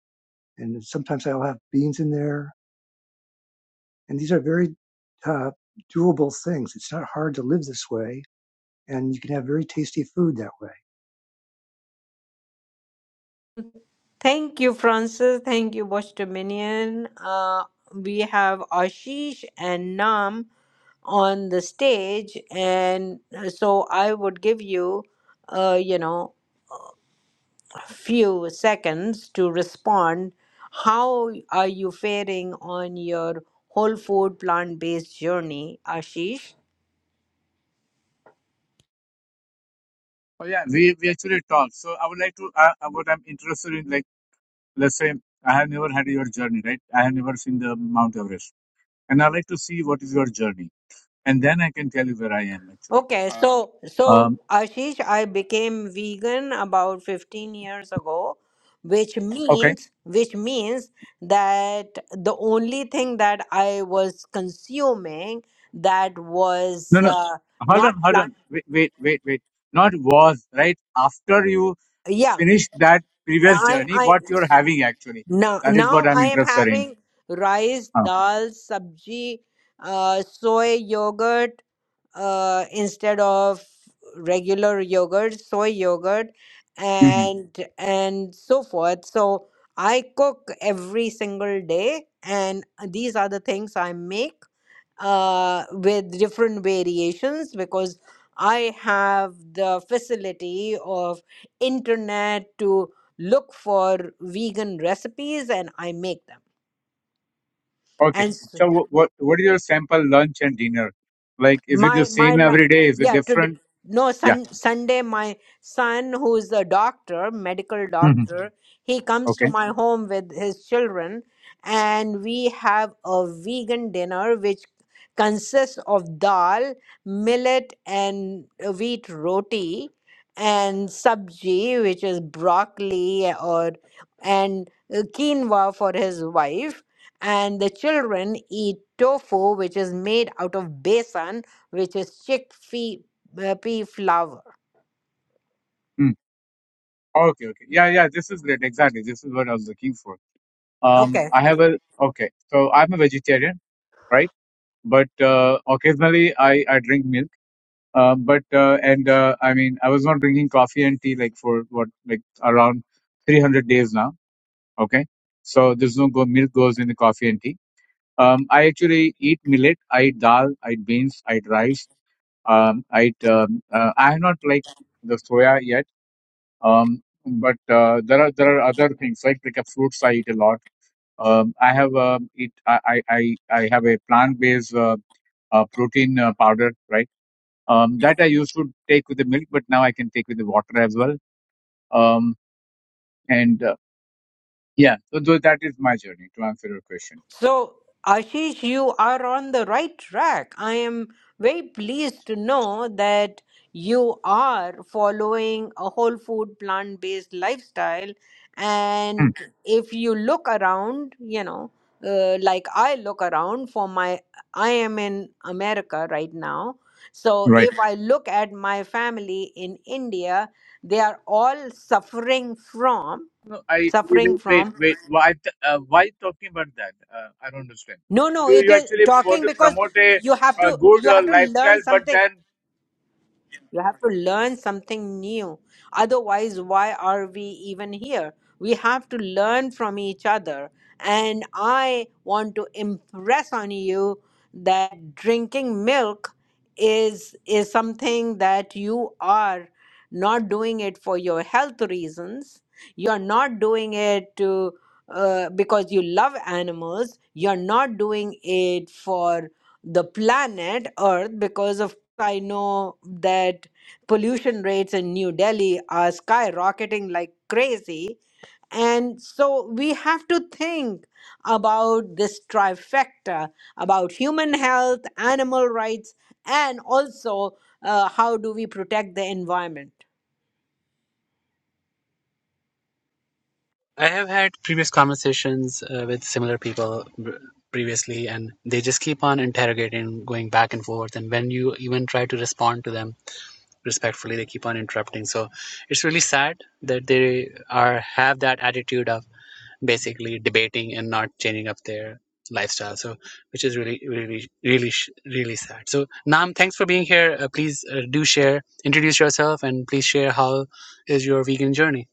F: and sometimes I'll have beans in there. And these are very uh, doable things. It's not hard to live this way, and you can have very tasty food that way.
A: Thank you, Francis. Thank you, Watch Dominion. Uh, we have Ashish and Nam on the stage, and uh, so I would give you, uh, you know. few seconds to respond. How are you faring on your whole food plant-based journey, Ashish?
D: Oh yeah, we, we actually talked. So I would like to uh, uh, what I'm interested in, like let's say I have never had your journey, right? I have never seen the Mount Everest, and I like to see what is your journey, and then I can tell you where I am actually.
A: Okay, Uh, so so
D: Um,
A: Ashish, I became vegan about 15 years ago, which
D: okay,
A: means which means that the only thing that I was consuming that was
D: no, no,
A: uh,
D: hold on,
A: not
D: hold
A: plant.
D: on, wait, wait, wait, wait. Not was right after you
A: Yeah,
D: finish that previous
A: I
D: journey,
A: I
D: what you're having actually.
A: Now,
D: That is
A: now
D: what I'm
A: I am
D: interested in.
A: having rice,
D: Uh,
A: dal, sabji, uh, soy yogurt uh, instead of regular yogurt, soy yogurt,
D: hmm
A: and and so forth. So I cook every single day, and these are the things I make uh, with different variations because I have the facility of internet to look for vegan recipes and I make them.
D: Okay.
A: And s-
D: So what what is your sample lunch and dinner? Like, is it the
A: my my
D: same
A: la-
D: every day? Is it
A: yeah today
D: different?
A: no
D: Yeah.
A: sun, sunday my son who's a doctor medical
D: hmm
A: doctor he comes
D: Okay.
A: to my home with his children and we have a vegan dinner which consists of dal millet and uh, wheat roti and sabji which is broccoli or and uh, quinoa for his wife and the children eat tofu which is made out of besan which is chickpea uh, pea flour.
D: Mm. Okay. Okay. Yeah. Yeah. This is great. Exactly. This is what I was looking for. Um,
A: Okay.
D: I have a okay. So I'm a vegetarian, right? But uh, occasionally I I drink milk. Um, but uh, and uh, I mean I was not drinking coffee and tea like for what like around 300 days now. Okay. So there's no go- milk goes in the coffee and tea. Um, I actually eat millet. I eat dal. I eat beans. I eat rice. Um, I eat. Um, uh, I have not like the soya yet Um, but uh, there are there are other things like like a fruits I eat a lot. Um, I have uh, eat I, I I I have a plant based uh, uh, protein uh, powder right um, that I used to take with the milk, but now I can take with the water as well. Um, and uh, yeah, so, tho- that is my journey to answer your question.
A: So, Ashish, you are on the right track. I am very pleased to know that you are following a whole food, plant based lifestyle.
D: Hmm,
A: And if you look around, you know, uh, like I look around for my, I am in America right now. So
D: right.
A: if I look at my family in India, they are all suffering from.
D: No, I wait,
A: suffering
D: wait,
A: from
D: wait. Why, th- uh, why talking about that? Uh, I don't understand.
A: no no
D: You,
A: it
D: you
A: is
D: actually want
A: talking
D: to
A: because
D: promote a,
A: you have
D: a
A: to
D: good
A: you
D: uh,
A: have to learn
D: lifestyle, but
A: something
D: then
A: You have to learn something new. Otherwise, why are we even here? We have to learn from each other. And I want to impress on you that drinking milk is is something that you are not doing it for your health reasons. You're not doing it to uh, because you love animals. You're not doing it for the planet Earth because of I know that pollution rates in New Delhi are skyrocketing like crazy. And so we have to think about this trifecta about human health, animal rights, and also uh, how do we protect the environment.
C: I have had previous conversations uh, with similar people b- previously, and they just keep on interrogating, going back and forth. And when you even try to respond to them, respectfully they keep on interrupting so it's really sad that they are have that attitude of basically debating and not changing up their lifestyle so which is really really really sh- really sad so nam thanks for being here uh, please uh, do share introduce yourself and please share how is your vegan journey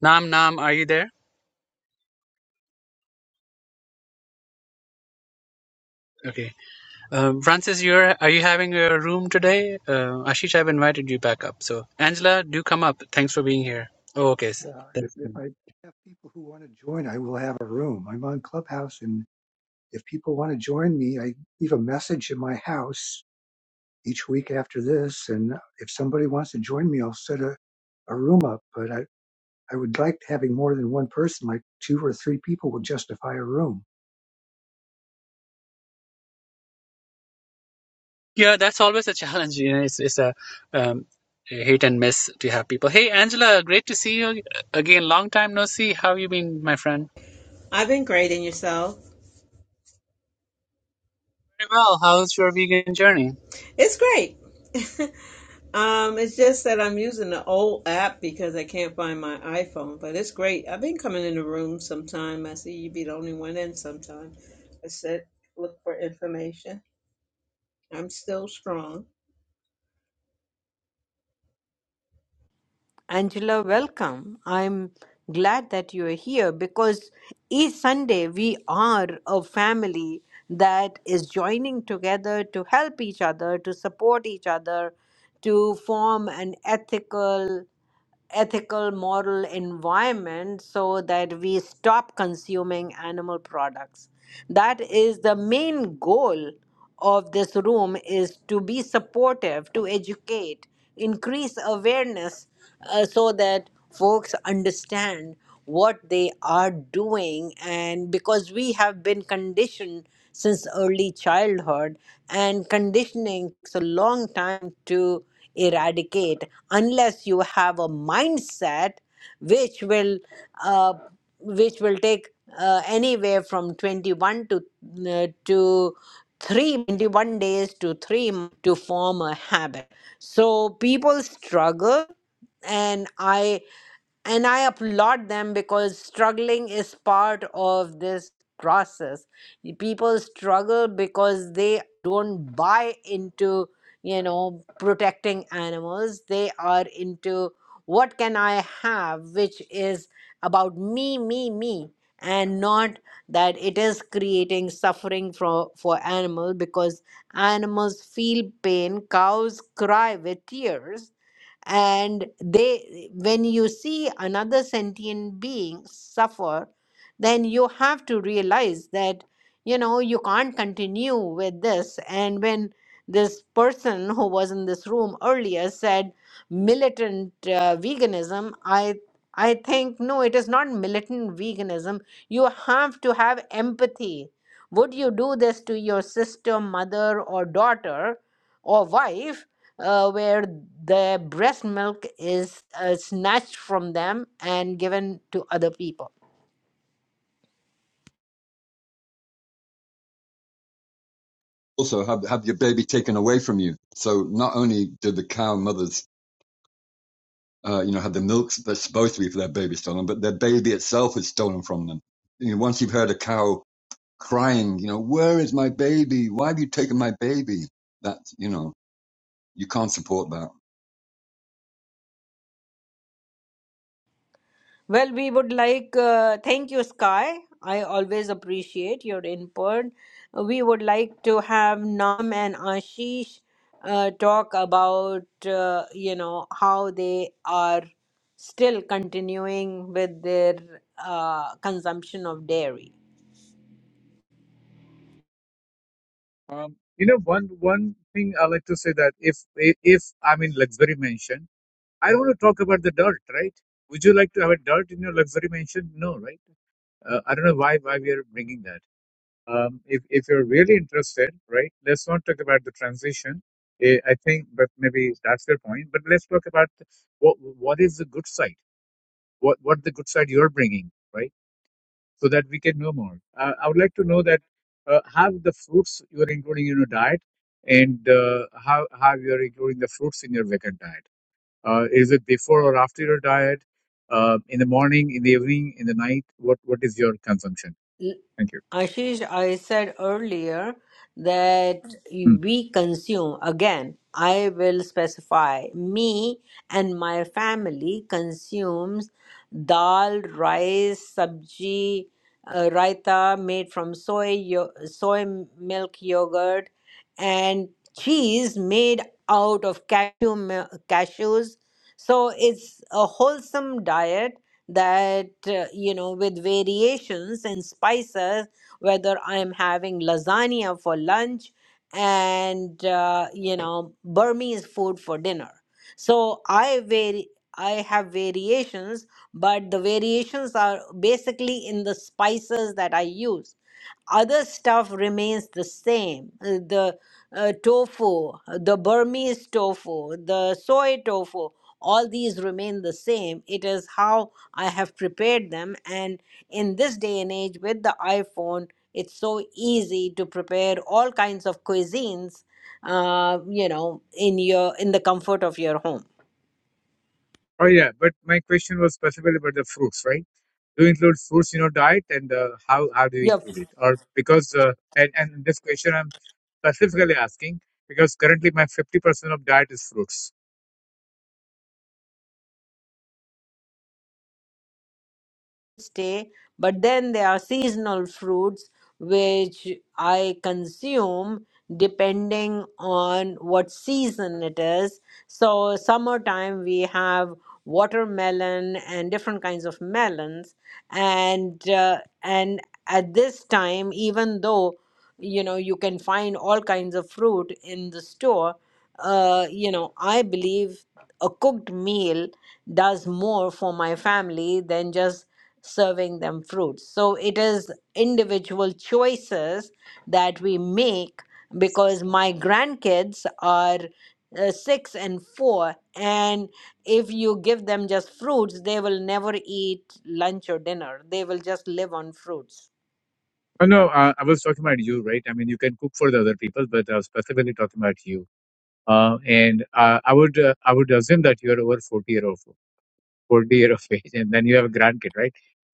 C: nam nam are you there okay um, francis you're are you having your room today uh, ashish i've invited you back up so angela do come up thanks for being here oh okay
F: Yeah, if,
C: Thanks.
F: if I have people who want to join, I will have a room. I'm on Clubhouse, and if people want to join me, I leave a message in my house each week after this. And if somebody wants to join me, I'll set a, a room up. But I, I would like having more than one person, like two or three people, would justify a room.
C: Yeah, that's always a challenge. You know, it's it's a um, a hit and miss to have people. Hey, Angela, great to see you again. Long time no see. How you been, my friend?
H: I've been grading yourself.
C: Very well. How's your vegan journey?
H: It's great. um, it's just that I'm using the old app because I can't find my iPhone, but it's great. I've been coming in the room sometime. I see you be the only one in sometime. I said, look for information. I'm still strong.
A: Angela, welcome. I'm glad that you are here because each Sunday we are a family that is joining together to help each other, to support each other, to form an ethical ethical moral environment so that we stop consuming animal products that is the main goal of this room is to be supportive to educate increase awareness uh, so that folks understand what they are doing and because we have been conditioned since early childhood and conditioning takes a long time to eradicate unless you have a mindset which will uh, which will take uh, anywhere from 21 to uh, to 3 21 days to 3 months to form a habit so people struggle and i and i applaud them because struggling is part of this process Y- people struggle because they don't buy into you know protecting animals they are into what can i have which is about me me me and not that it is creating suffering for for animal because animals feel pain cows cry with tears and they when you see another sentient being suffer then you have to realize that you know you can't continue with this and when this person who was in this room earlier said militant uh, veganism i i think no it is not militant veganism you have to have empathy would you do this to your sister mother or daughter or wife uh, where the breast milk is uh, snatched from them and given to other people.
E: also have, have your baby taken away from you. So not only do the cow mothers, uh, you know, have the milk that's supposed to be for their baby stolen, but their baby itself is stolen from them. You know, once you've heard a cow crying, you know, where is my baby? Why have you taken my baby? That, you know, you can't support that.
A: Well, we would like, uh, thank you, Sky. I always appreciate your input. We would like to have Nam and Ashish uh, talk about, uh, you know, how they are still continuing with their uh, consumption of dairy.
D: Um, you know, one one thing I like to say that if if I'm in luxury mansion, I don't want to talk about the dirt, right? Would you like to have a dirt in your luxury mansion? No, right? Uh, I don't know why why we are bringing that. Um, if if you're really interested, right? Let's not talk about the transition. Eh, I think, but maybe that's your point. But let's talk about what what is the good side? What what the good side you're bringing, right? so that we can know more. Uh, I would like to know that uh, how the fruits you are including in your diet and uh, how, how you are including the fruits in your vegan diet. Uh, is it before or after your diet? Uh, in the morning, in the evening, in the night? What What is your consumption? Thank you.
A: Ashish, I said earlier that
D: Hmm.
A: we consume, again, I will specify, me and my family consumes dal, rice, sabji, uh, raita made from soy, yo- soy milk yogurt, and cheese made out of cashew, mil- cashews. So it's a wholesome diet that, uh, you know, with variations and spices whether I am having lasagna for lunch and uh, you know Burmese food for dinner. So I vary. I have variations, but the variations are basically in the spices that I use other stuff remains the same uh, the uh, tofu the burmese tofu the soy tofu all these remain the same it is how i have prepared them and in this day and age with the iphone it's so easy to prepare all kinds of cuisines uh, you know in your in the comfort of your home
D: Oh, yeah. But my question was specifically about the fruits, right? Do you include fruits in your diet and uh, how, how do you
A: your
D: include it? Or because, uh, and, and this question I'm specifically asking because currently my 50% of diet is fruits
A: stay but then there are seasonal fruits which i consume depending on what season it is so summertime we have watermelon and different kinds of melons and uh, and at this time even though you know you can find all kinds of fruit in the store uh, you know i believe a cooked meal does more for my family than just serving them fruits so it is individual choices that we make because my grandkids are uh, six and four and if you give them just fruits they will never eat lunch or dinner they will just live on fruits
D: Oh, no, uh, I was talking about you, right? I mean, you can cook for the other people, but I was specifically talking about you. Uh, and uh, I would uh, I would assume that you're over 40 year of 40 year of age, and then you have a grandkid, right?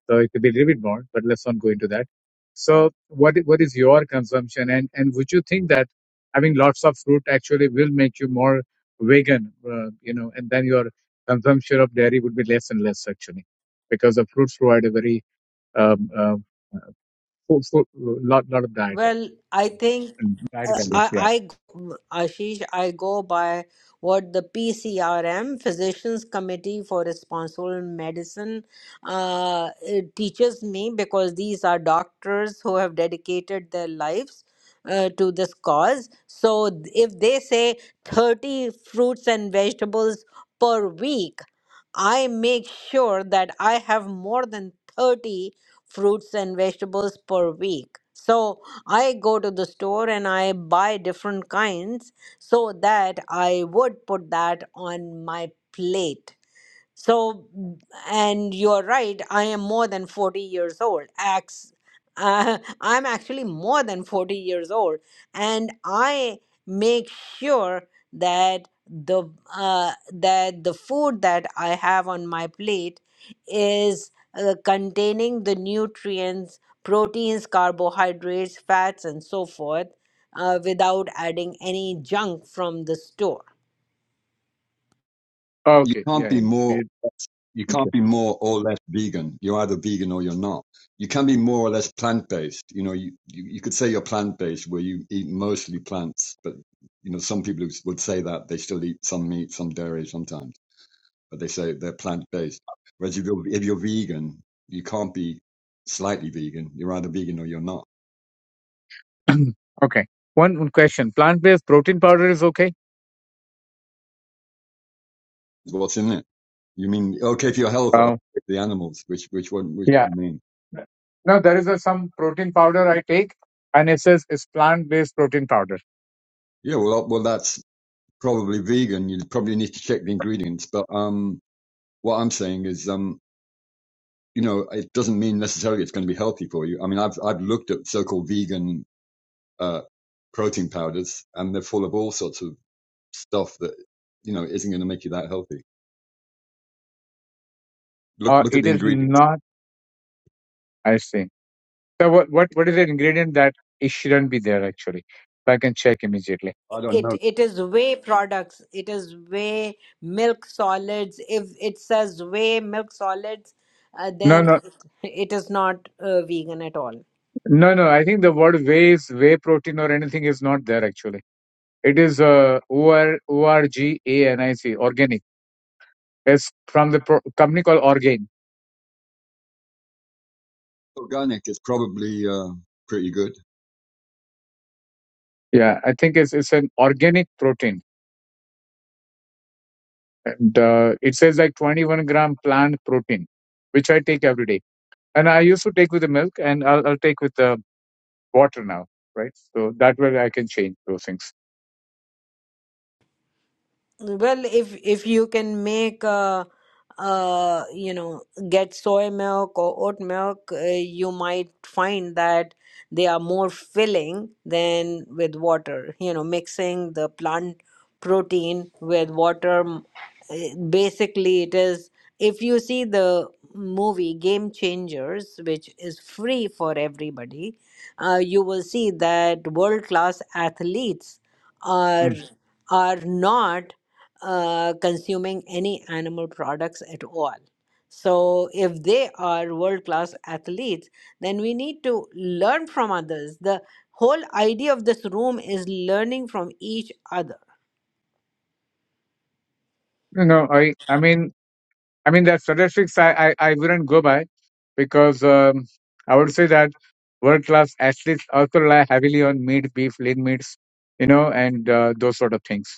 D: So it could be a little bit more, but let's not go into that. So what i- what is your consumption, and and would you think that having lots of fruit actually will make you more vegan, uh, you know, and then your consumption of dairy would be less and less actually, because the fruits provide a very um, uh, full, full, lot lot of diet
A: Well, I think
D: Diet
A: uh,
E: So that
D: values, yeah.
A: I, I, Ashish, I go by what the PCRM, Physicians Committee for Responsible Medicine, uh, it teaches me because these are doctors who have dedicated their lives. Uh, to this cause. So, th- if they say 30 fruits and vegetables per week, I make sure that I have more than 30 fruits and vegetables per week. So I go to the store and I buy different kinds so that I would put that on my plate so, mm, and you're right, I am more than 40 years old. Acts, uh, I'm actually more than 40 years old. And I make sure that the uh, that the food that I have on my plate is uh, containing the nutrients, proteins, carbohydrates, fats, and so forth, uh, without adding any junk from the store
E: you
D: Okay,
E: can't
D: yeah, yeah.
E: be more
D: We-
E: you
D: Thank
E: can't be more or less vegan. You're either vegan or you're not. You can be more or less plant based. You know, you, you, you could say you're plant based where you eat mostly plants, but you know, some people would say that they still eat some meat, some dairy sometimes, but they say they're plant based. Whereas if you're, if you're vegan, you can't be slightly vegan. You're either vegan or you're not.
D: you. okay, one, one question. Plant-based protein powder is okay?
E: what's in it? You mean okay for your health or okay
D: Oh,
E: the animals? Which which one? Which
D: yeah.
E: you mean?
D: No, there is a, some protein powder I take, and it says it's plant-based protein powder.
E: Yeah, well, well, that's probably vegan. You probably need to check the ingredients, but um, what I'm saying is, um, you know, it doesn't mean necessarily it's going to be healthy for you. I mean, I've I've looked at so-called vegan uh, protein powders, and they're full of all sorts of stuff that you know isn't going to make you that healthy. Look
D: Uh,
E: look at
D: it
E: the
D: is
E: ingredients.
D: not. I see. So what what what is the ingredient that it shouldn't be there actually? So I can check immediately.
E: I don't
A: it
E: know.
A: it is whey products it is whey milk solids if it says whey milk solids uh,
D: No,
A: then
D: no,
A: it, it is not uh, vegan at all
D: no, no. I think the word whey is whey protein or anything is not there actually. It is uh, O R O R G A N I C organic. It's from the pro- company called Orgain.
E: Organic is probably uh, pretty good.
D: Yeah, I think it's it's an organic protein, and uh, it says like 21 gram plant protein, which I take every day. And I used to take with the milk, and I'll, I'll take with the water now, right? So that way I can change those things.
A: Well, if if you can make uh uh you know get soy milk or oat milk, uh, you might find that they are more filling than with water. You know, mixing the plant protein with water, m- eh, basically it is. If you see the movie Game Changers, which is free for everybody, uh, you will see that world-class athletes are
D: Mm.
A: are not uh, consuming any animal products at all. So, if they are world class athletes, then we need to learn from others. The whole idea of this room is learning from each other
D: You know, I I mean I mean that statistics I I, I wouldn't go by because um, I would say that world class athletes also rely heavily on meat, beef, lean meats, you know, and uh, those sort of things.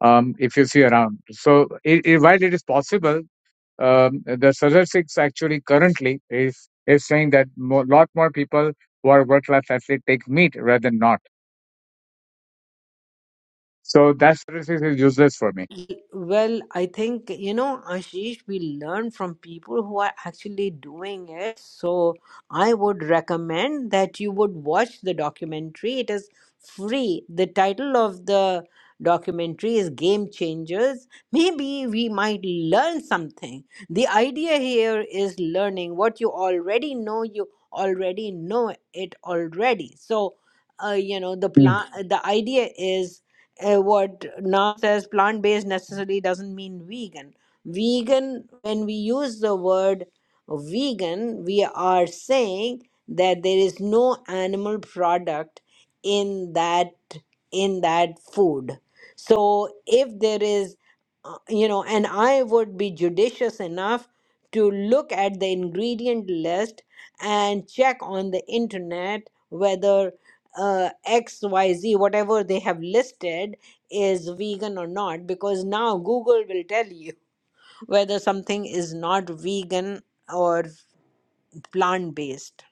D: um, if you see around. So it, it, while it is possible, um, the statistics actually currently is is saying that a lot more people who are work class athlete take meat rather than not. So that statistics is useless for me.
A: Well, I think, you know, Ashish, we learn from people who are actually doing it. So I would recommend that you would watch the documentary. It is free. The title of the documentary is Game Changers. Maybe we might learn something. The idea here is learning what you already know, you already know it already. So, uh, you know, the
D: Mm.
A: plan, the idea is uh, what now says plant based necessarily doesn't mean vegan. Vegan, when we use the word vegan, we are saying that there is no animal product in that in that food. So if there is, uh, you know, and I would be judicious enough to look at the ingredient list and check on the internet whether uh, XYZ, whatever they have listed, is vegan or not, because now Google will tell you whether something is not vegan or plant based.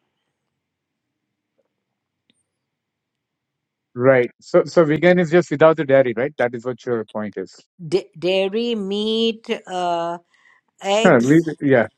D: Right. So so vegan is just without the dairy, right? That is what your point is.
A: D- dairy, meat, uh,
D: Huh,
A: eggs,
D: we- yeah.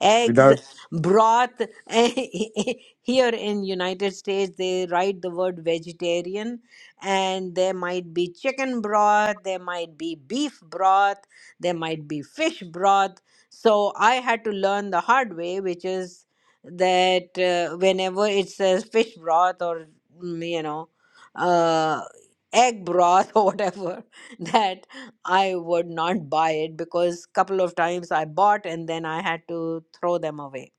A: eggs
D: without
A: broth here in united states they write the word vegetarian and there might be chicken broth there might be beef broth there might be fish broth so i had to learn the hard way which is that uh, whenever it says fish broth or mm, you know uh, egg broth or whatever that I would not buy it because couple of times I bought and then I had to throw them away.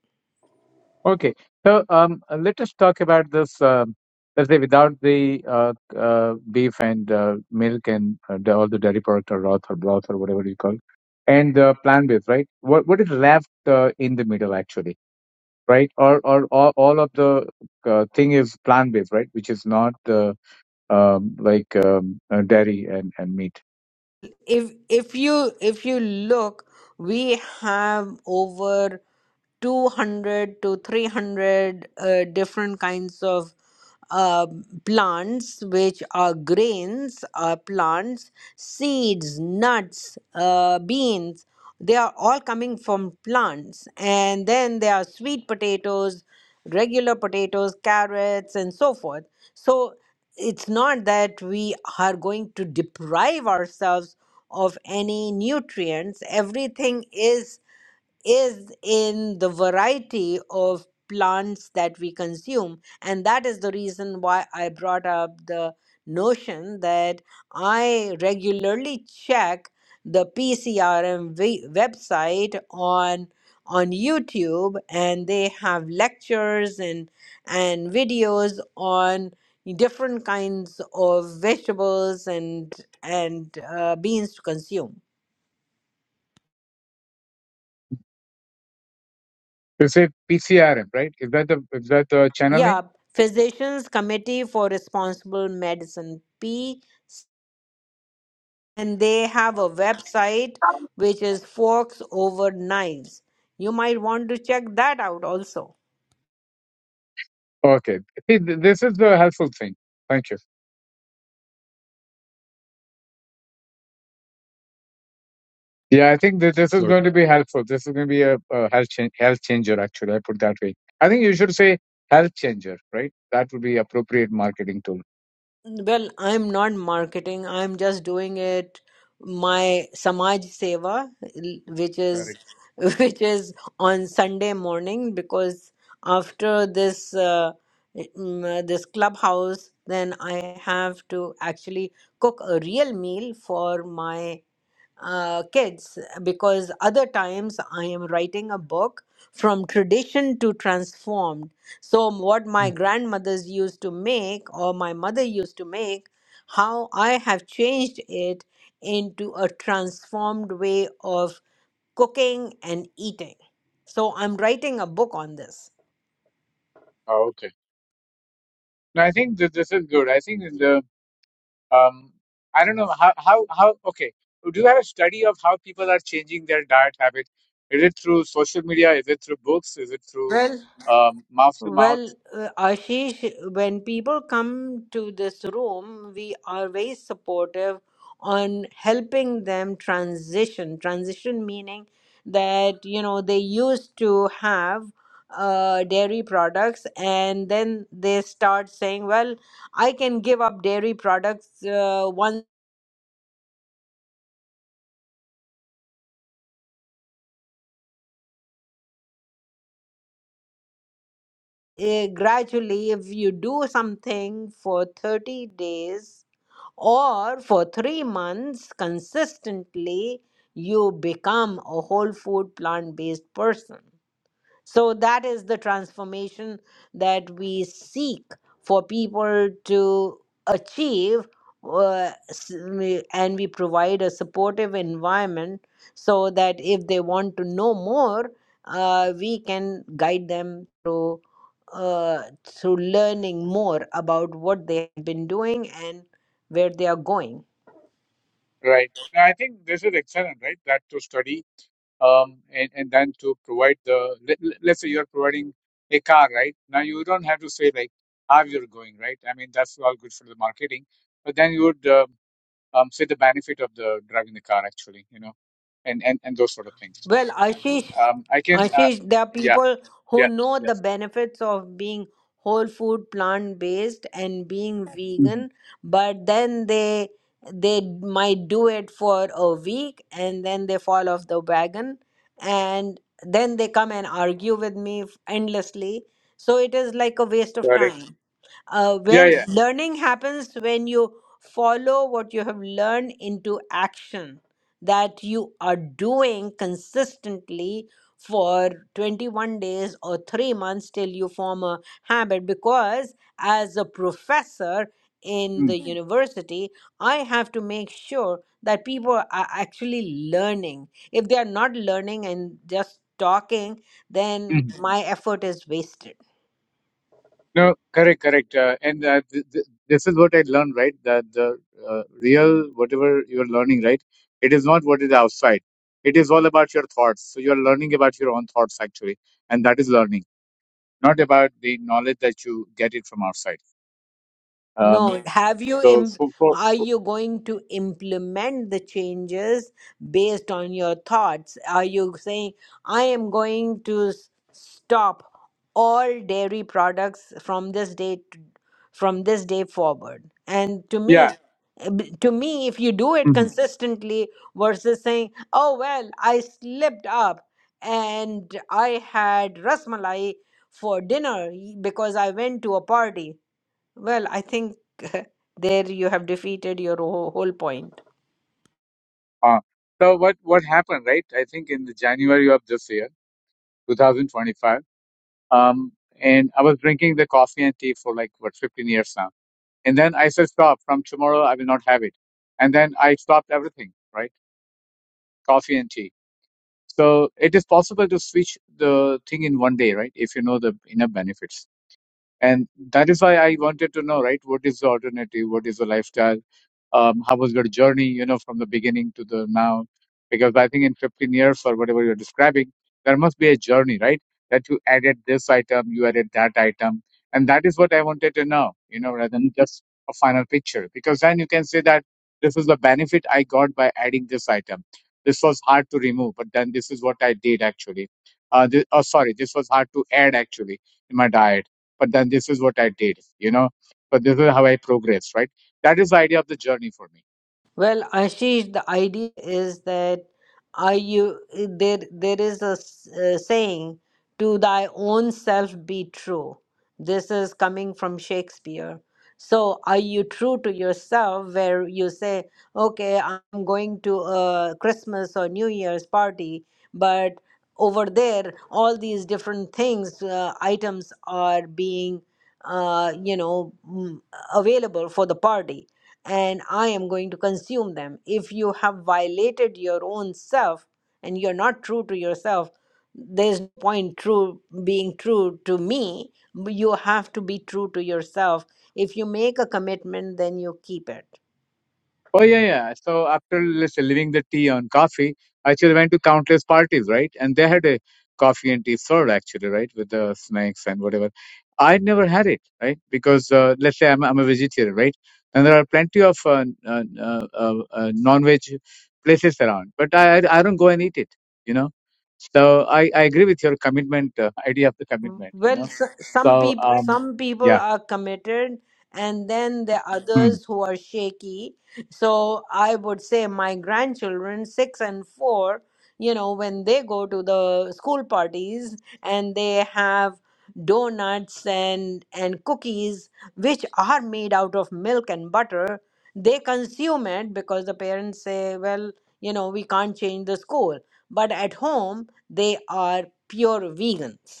D: Okay. So um, uh, let us talk about this. Um, let's say without the uh, uh, beef and uh, milk and uh, the, all the dairy product or broth or broth or whatever you call, and uh, plant based, right? What what is left uh, in the middle actually, right? Or or all, all of the uh, thing is plant based, right? Which is not uh, um, like um, uh, dairy and, and meat.
A: If if you if you look, we have over 200 to 300 uh, different kinds of uh, plants, which are grains, uh, plants, seeds, nuts, uh, beans. They are all coming from plants. And then there are sweet potatoes, regular potatoes, carrots, and so forth. So it's not that we are going to deprive ourselves of any nutrients. Everything is is in the variety of plants that we consume. And that is the reason why I brought up the notion that I regularly check the PCRM we- website on on YouTube and they have lectures and and videos on different kinds of vegetables and and uh, beans to consume
D: You say PCRM, right? Is that the is that the channel name?
A: Yeah, Physicians Committee for Responsible Medicine P and they have a website which is Forks Over Knives. You might want to check that out also.
D: Okay. See, th- this is the helpful thing. Thank you. Yeah, I think that this is
E: Sorry.
D: going to be helpful. This is going to be a, a health change, health changer. Actually, I put that way. I think you should say health changer, right? That would be appropriate marketing tool.
A: Well, I'm not marketing. I'm just doing it my Samaj Seva, l- which is
D: Correct.
A: which is on Sunday morning because after this uh, mm, uh, this clubhouse, then I have to actually cook a real meal for my uh, kids because other times I am writing a book from tradition to transformed. So, what my
D: Mm.
A: grandmothers used to make or my mother used to make, how I have changed it into a transformed way of cooking and eating. So, I'm writing a book on this.
D: Oh, okay. No, I think that this is good. I think the um, I don't know how how how. Okay, do you have a study of how people are changing their diet habit? Is it through social media? Is it through books? Is it through
A: Well.
D: um, mouth to mouth?
A: Well, uh, Ashish, when people come to this room, we are very supportive on helping them transition. Transition meaning that, you know, they used to have uh, dairy products and then they start saying, well, I can give up dairy products uh, once. Uh, gradually, if you do something for 30 days, or for three months consistently, you become a whole food plant based person. So that is the transformation that we seek for people to achieve, uh, s- we- and we provide a supportive environment so that if they want to know more, uh, we can guide them through uh, through learning more about what they have been doing and where they are going.
D: Right. No, I think this is excellent, right? That to study um, and, and then to provide the let, let's say you're providing a car right now you don't have to say like how you're going right i mean that's all good for the marketing but then you would uh, um, say the benefit of the driving the car actually you know and and, and those sort of things
A: Well, Ashish,
D: um, i can uh,
A: Ashish, there are
D: yeah
A: people who
D: yeah
A: know the
D: yes
A: benefits of being whole food, plant based, and being
D: hmm
A: vegan, but then they they might do it for a week and then they fall off the wagon and then they come and argue with me f- endlessly. So it is like a waste of
D: correct
A: time uh,
D: yeah
A: when
D: yeah
A: Mhm. learning happens when you follow what you have learned into action that you are doing consistently for 21 days or 3 months till you form a habit because as a professor in the
D: Mm-hmm.
A: Mm. university i have to make sure that people are actually learning if they are not learning and just talking then Mhm. my effort is wasted
D: No, correct, correct. Uh, and uh, th- th- this is what I learned, right? That the uh, real, whatever you're learning, right? It is not what is outside. It is all about your thoughts. So you're learning about your own thoughts, actually. And that is learning, not about the knowledge that you get it from outside. Um,
A: No, have you,
D: so,
A: im-
D: so, for
A: are
D: so
A: you going to implement the changes based on your thoughts? Are you saying, I am going to s- stop all dairy products from this day to, from this day forward? And to me,
D: yeah.
A: uh, b- to me, if you do it
D: hmm
A: consistently versus saying, oh, well, I slipped up and I had rasmalai for dinner because I went to a party well, I think there you have defeated your whole whole point.
D: Uh, so what, what happened, right? I think in the January of this year, 2025, um, and I was drinking the coffee and tea for like, what, 15 years now And then I said, stop, from tomorrow I will not have it. And then I stopped everything, right? Coffee and tea. So it is possible to switch the thing in one day, right? If you know the enough benefits. And that is why I wanted to know, right? What is the alternative? What is the lifestyle? Um, how was your journey, you know, from the beginning to the now? Because I think in 15 years or whatever you're describing, there must be a journey, right? That you added this item, you added that item. And that is what I wanted to know, you know, rather than just a final picture. Because then you can say that this is the benefit I got by adding this item. This was hard to remove, but then this is what I did actually. Uh, this, oh, sorry, this was hard to add actually in my diet but then this is what I did, you know. But this is how I progressed, right? That is the idea of the journey for me.
A: Well, Ashish, the idea is that are you there? There is a, s- a saying, "To thy own self be true." This is coming from Shakespeare. So, are you true to yourself? Where you say, "Okay, I'm going to a Christmas or New Year's party," but over there, all these different things, uh, items are being, uh, you know, mm, available for the party and I am going to consume them. If you have violated your own self and you're not true to yourself, there's no point true being true to me. You have to be true to yourself. If you make a commitment, then you keep it
D: Oh yeah, yeah. So after let's say leaving the tea on coffee, I actually went to countless parties, right? And they had a coffee and tea served actually, right, with the snacks and whatever. I never had it, right? Because uh, let's say I'm I'm a vegetarian, right? And there are plenty of uh, n- uh, uh, uh, uh, non-veg places around, but I I I don't go and eat it, you know. So I I agree with your commitment uh, idea of the commitment, you
A: Well,
D: know.
A: s- some
D: So
A: people
D: um
A: some people
D: yeah.
A: are committed, and then there are
D: Hmm.
A: others who are shaky. So I would say my grandchildren, six and four, you know, when they go to the school parties and they have donuts and and cookies, which are made out of milk and butter, they consume it because the parents say, well, you know, we can't change the school. But at home, they are pure vegans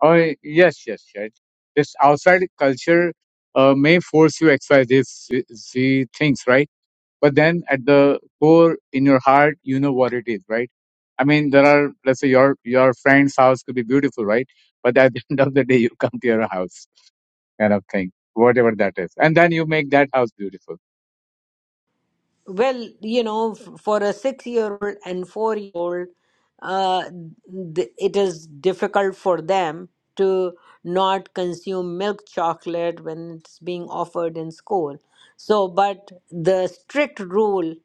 D: Oh, yes, yes, right. This outside culture uh, may force you exercise these things, right? But then at the core in your heart, you know what it is, right? I mean, there are let's say your your friend's house could be beautiful, right? But at the end of the day, you come to your house kind of thing, whatever that is, and then you make that house beautiful,
A: Well, you know, f- for a six year old and four year old, uh, th- it is difficult for them to not consume milk chocolate when it's being offered in school. So, but the strict rule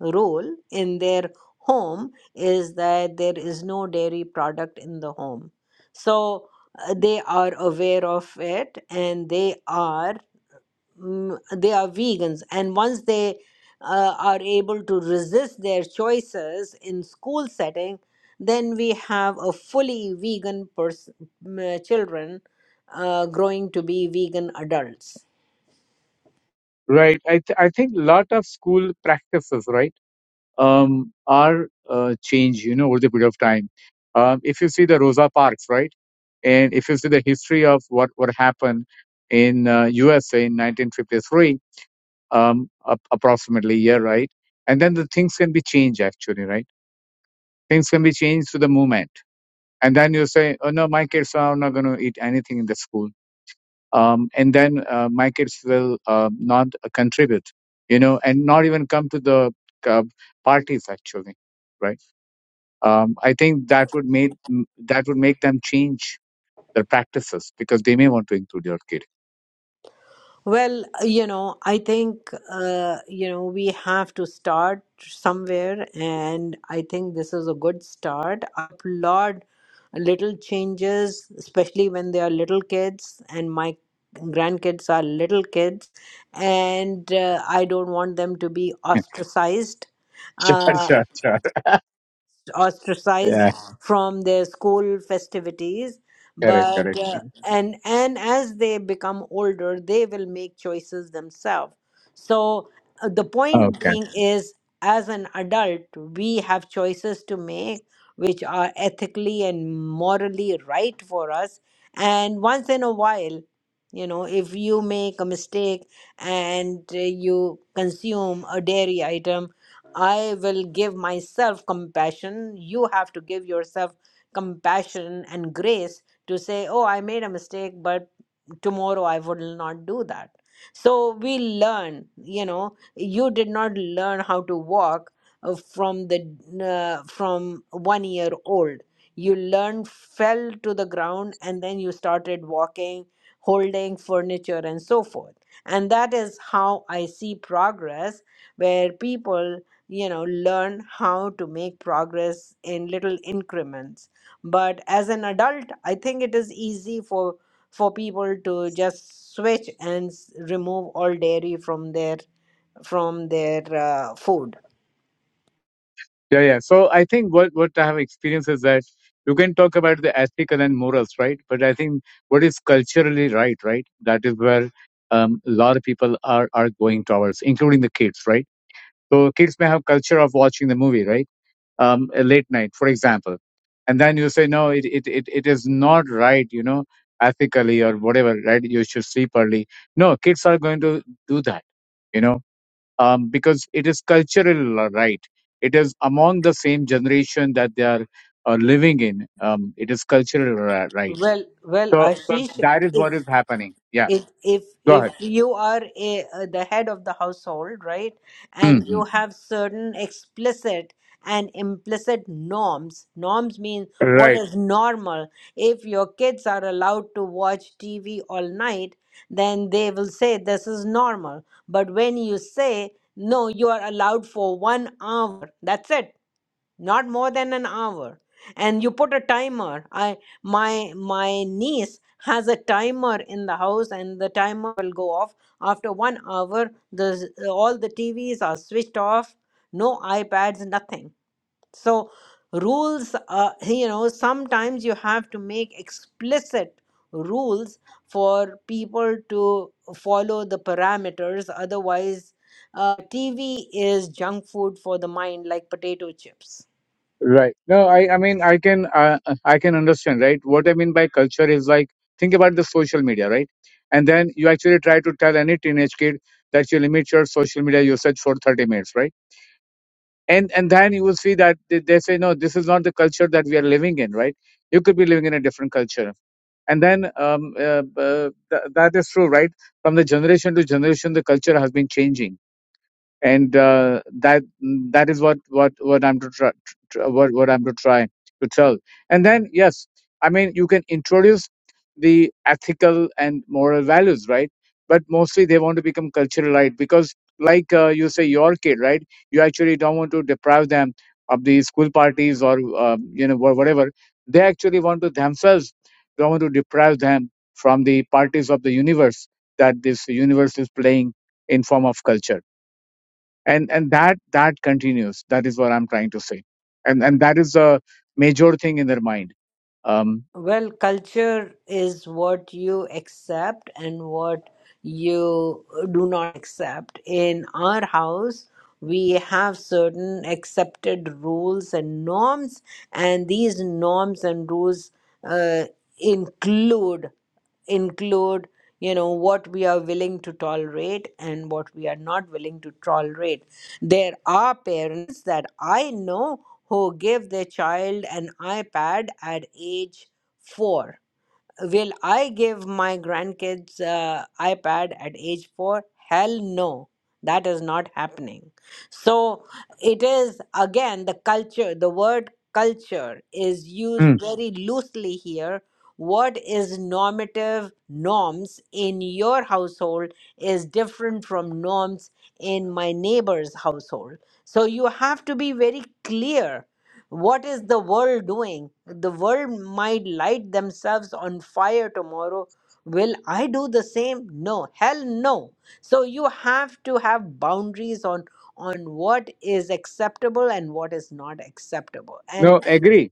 A: rule in their home is that there is no dairy product in the home. So uh, they are aware of it and they are mm, they are vegans and once they uh, are able to resist their choices in school setting then we have a fully vegan person children uh, growing to be vegan adults
D: right? I th- I think lot of school practices, right? um, are uh, changed, you know, over the period of time. Um, if you see the Rosa Parks, right, and if you see the history of what what happened in uh, USA in 1953, um, ap- approximately year, right, and then the things can be changed actually, right? Things can be changed to the movement, and then you say, oh no, my kids are not going to eat anything in the school, um, and then uh, my kids will uh, not uh, contribute, you know, and not even come to the uh, parties actually, right? um, I think that would make that would make them change their practices because they may want to include your kid.
A: Well, you know, I think, uh, you know, we have to start somewhere, and I think this is a good start. I applaud little changes, especially when they are little kids, and my grandkids are little kids, and uh, I don't want them to be ostracized.
D: sure,
A: Uh,
D: sure, sure.
A: ostracized
D: Yeah,
A: from their school festivities
D: correct,
A: but
D: correct.
A: uh,
D: correct.
A: and and as they become older they will make choices themselves so uh, the point
D: Okay.
A: being is as an adult we have choices to make which are ethically and morally right for us and once in a while you know if you make a mistake and uh, you consume a dairy item I will give myself compassion. You have to give yourself compassion and grace to say, Oh, I made a mistake, but tomorrow I will not do that. So we learn, you know, you did not learn how to walk uh, from the uh, from one year old. You learned, fell to the ground, and then you started walking, holding furniture, and so forth. And that is how I see progress, where people you know learn how to make progress in little increments but as an adult i think it is easy for for people to just switch and s- remove all dairy from their from their uh, food
D: Yeah, yeah. So I think what what I have experienced is that you can talk about the ethical and morals, right? But I think what is culturally right, right? That is where um, a lot of people are are going towards, including the kids, right? So kids may have culture of watching the movie, right? um, a late night, for example. And then you say, no, it, it, it, it is not right, you know, ethically or whatever, right? You should sleep early. No, kids are going to do that, you know, um, because it is cultural uh, right. It is among the same generation that they are uh, living in. Um, it is cultural ri- right.
A: well well
D: So, so
A: ashish
D: that is what is happening. Yeah,
A: if if
D: go
A: if
D: ahead.
A: you are a, uh, the head of the household right and you
D: Mhm.
A: have certain explicit and implicit norms norms mean
D: Right.
A: what is normal if your kids are allowed to watch tv all night then they will say this is normal but when you say no you are allowed for 1 hour that's it not more than an hour and you put a timer i my my niece has a timer in the house and the timer will go off after 1 hour the all the T V's are switched off no ipads nothing so rules uh, you know sometimes you have to make explicit rules for people to follow the parameters otherwise uh, tv is junk food for the mind like potato chips
D: Right. No, I, I mean, I can, uh, I can understand, right? What I mean by culture is like, think about the social media, right? And then you actually try to tell any teenage kid that you limit your social media usage for 30 minutes, right? And, and then you will see that they, they say, no, this is not the culture that we are living in, right? You could be living in a different culture. And then, um, uh, uh, th- that is true, right? From the generation to generation, the culture has been changing and uh, that that is what what what I'm to try tr- what what I'm to try to tell. And then yes, I mean you can introduce the ethical and moral values, right? But mostly they want to become cultural, right? Because like uh, you say, your kid, right? You actually don't want to deprive them of the school parties or um, you know wha- whatever. They actually want to themselves don't want to deprive them from the parties of the universe that this universe is playing in form of culture and and that that continues that is what i'm trying to say and and that is a major thing in their mind um
A: Well, culture is what you accept and what you do not accept. In our house, we have certain accepted rules and norms, and these norms and rules uh, include include you know what we are willing to tolerate and what we are not willing to tolerate there are parents that i know who give their child an ipad at age Four. Will I give my grandkids uh, iPad at age four? Hell no. That is not happening. So it is again the culture, the word culture is
D: Hmm.
A: used very loosely here. What is normative norms in your household is different from norms in my neighbor's household. So you have to be very clear what is the world doing? The world might light themselves on fire tomorrow. Will I do the same? No, hell no. So you have to have boundaries on on what is acceptable and what is not acceptable. And
D: no agree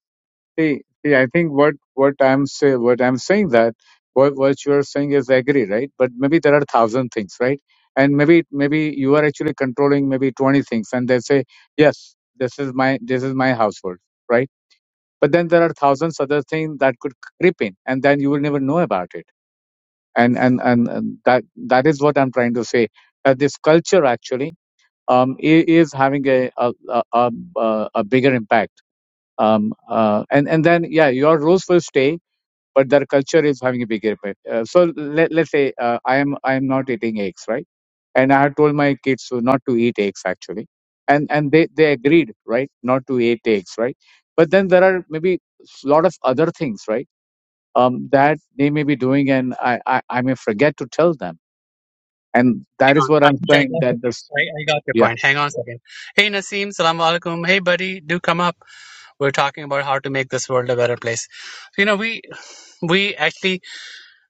D: see, see i think what what i'm say what i'm saying that what what you're saying is agree right but maybe there are thousand things right and maybe maybe you are actually controlling maybe 20 things and they say yes this is my this is my household right but then there are thousands other things that could creep in and then you will never know about it and and and and that that is what I'm trying to say. That this culture actually um, i- is having a a, a, a, a a bigger impact. Um, uh, and and then yeah, your rules will stay, but their culture is having a bigger impact. Uh, so let let's say uh, I am I am not eating eggs, right? And I had told my kids to not to eat eggs actually, and and they they agreed, right, not to eat eggs, right? But then there are maybe lot of other things, right? Um, that they may be doing, and I, I, I may forget to tell them and
C: Hang
D: that is
C: on,
D: what
C: I
D: i'm
C: think I
D: saying
C: got your,
D: that there's
C: I, I got your
D: yeah
C: point. Hang on a second. Hey, Naseem, salam alaikum. Hey, buddy, do come up. We're talking about how to make this world a better place. You know, we we actually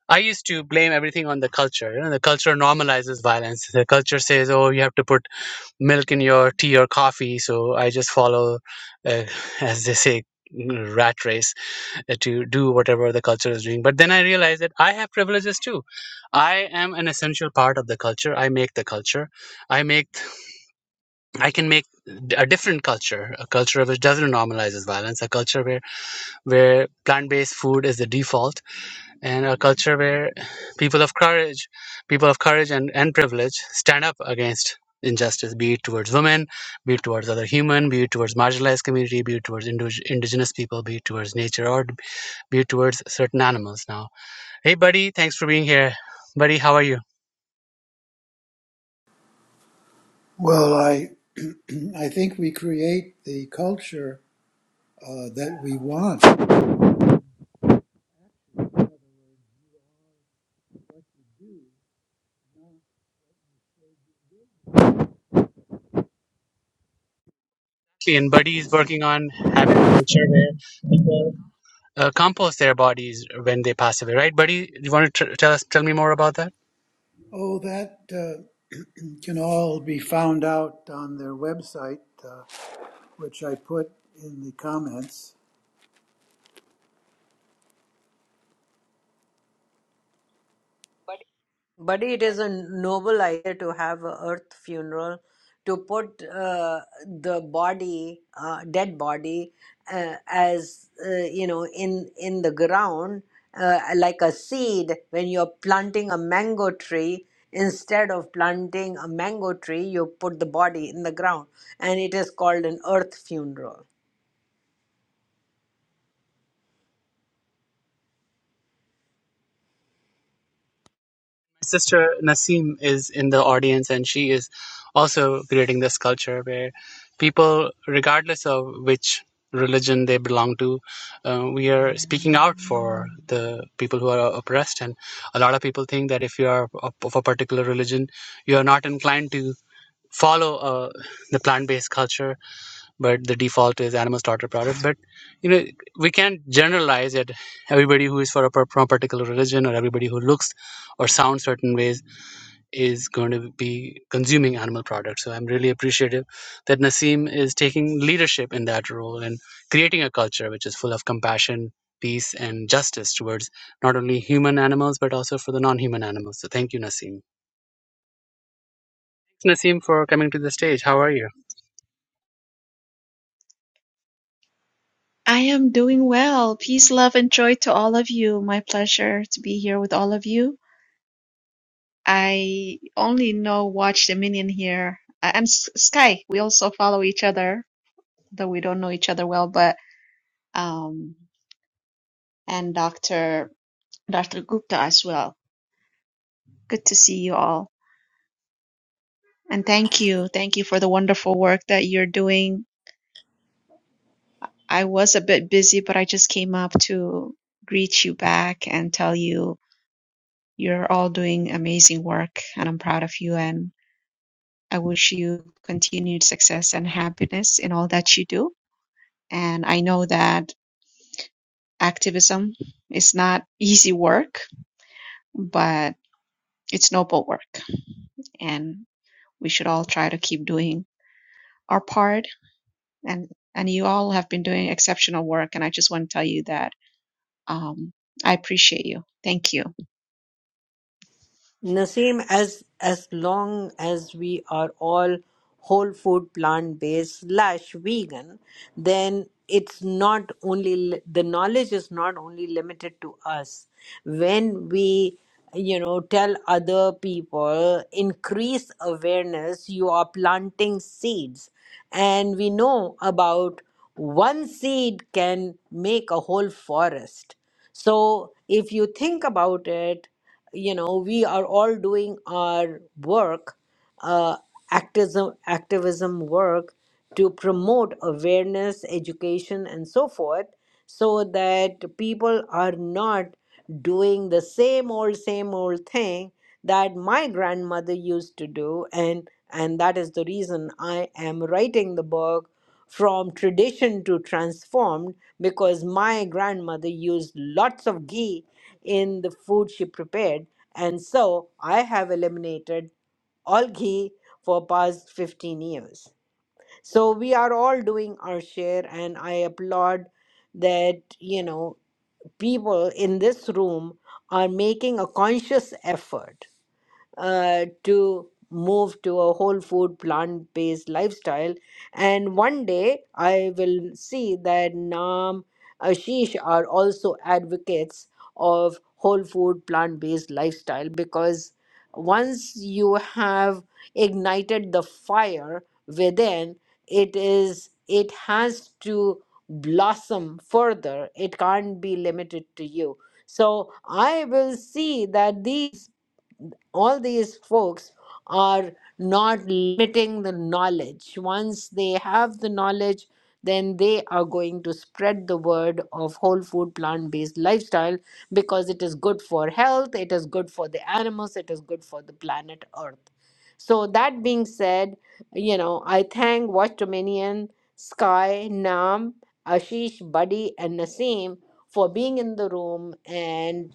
C: I used to blame everything on the culture. You know, the culture normalizes violence. The culture says, "Oh, you have to put." milk in your tea or coffee. So I just follow, uh, as they say, rat race uh, to do whatever the culture is doing. But then I realized that I have privileges too. I am an essential part of the culture. I make the culture. I make. I can make a different culture, a culture which doesn't normalizes violence, a culture where where plant based food is the default and a culture where people of courage, people of courage and, and privilege stand up against injustice, be it towards women, be it towards other human, be it towards marginalized community, be it towards indig- indigenous people, be it towards nature, or be it towards certain animals now. Hey, buddy, thanks for being here. Buddy, how are you?
I: Well, I I think we create the culture uh, that we want.
C: And Buddy is working on having a culture where people uh, compost their bodies when they pass away, right? Buddy, you want to tr- tell us, tell me more about that?
I: Oh, that uh, can all be found out on their website, uh, which I put in the comments.
A: Buddy, it is a noble idea to have a earth funeral, to put uh, the body, uh, dead body, uh, as uh, you know, in in the ground, uh, like a seed. When you're planting a mango tree, instead of planting a mango tree, you put the body in the ground, and it is called an earth funeral.
C: sister Naseem is in the audience and she is also creating this culture where people, regardless of which religion they belong to, uh, we are speaking out for the people who are oppressed. And a lot of people think that if you are of of a particular religion, you are not inclined to follow uh, the plant-based culture but the default is animal starter products but you know we can't generalize that everybody who is for a, par- from a particular religion or everybody who looks or sounds certain ways is going to be consuming animal products. So I'm really appreciative that Nasim is taking leadership in that role and creating a culture which is full of compassion, peace, and justice towards not only human animals but also for the non-human animals. So thank you, Nasim. Nasim, for coming to the stage. How are you?
J: I am doing well. Peace, love, and joy to all of you. My pleasure to be here with all of you. I only know Watch the Minion here. I- I'm S- Sky. We also follow each other, though we don't know each other well, but um and Dr. Dr. Gupta as well. Good to see you all. And thank you. Thank you for the wonderful work that you're doing. I was a bit busy, but I just came up to greet you back and tell you You're all doing amazing work, and I'm proud of you. And I wish you continued success and happiness in all that you do. And I know that activism is not easy work, but it's noble work. And we should all try to keep doing our part. And, and you all have been doing exceptional work. And I just want to tell you that um, I appreciate you. Thank you.
A: Naseem, as as long as we are all whole food, plant based slash vegan, then it's not only li- the knowledge is not only limited to us. When we you know tell other people increase awareness you are planting seeds and we know about one seed can make a whole forest so if you think about it you know we are all doing our work uh, activism activism work to promote awareness education and so forth so that people are not doing the same old same old thing that my grandmother used to do and and that is the reason i am writing the book from tradition to transformed because my grandmother used lots of ghee in the food she prepared and so i have eliminated all ghee for past 15 years so we are all doing our share and i applaud that you know people in this room are making a conscious effort uh, to move to a whole food plant based lifestyle and one day i will see that nam ashish are also advocates of whole food plant based lifestyle because once you have ignited the fire within it is it has to blossom further it can't be limited to you so i will see that these all these folks are not limiting the knowledge. Once they have the knowledge, then they are going to spread the word of whole food plant based lifestyle because it is good for health, it is good for the animals, it is good for the planet Earth. So, that being said, you know, I thank Watch Dominion, Sky, Nam, Ashish, Buddy, and Naseem for being in the room and.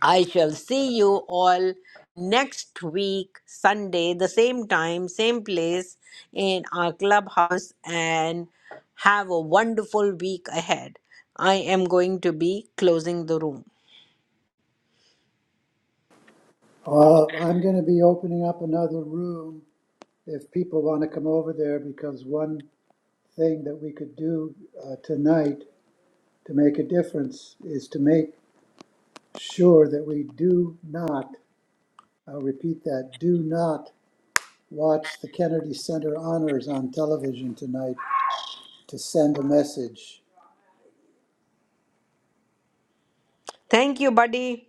A: I shall see you all next week, Sunday, the same time, same place in our clubhouse, and have a wonderful week ahead. I am going to be closing the room.
I: Uh, I'm going to be opening up another room if people want to come over there because one thing that we could do uh, tonight to make a difference is to make sure that we do not, I'll repeat that, do not Watch the Kennedy Center Honors on television tonight to send a message.
A: Thank you, buddy.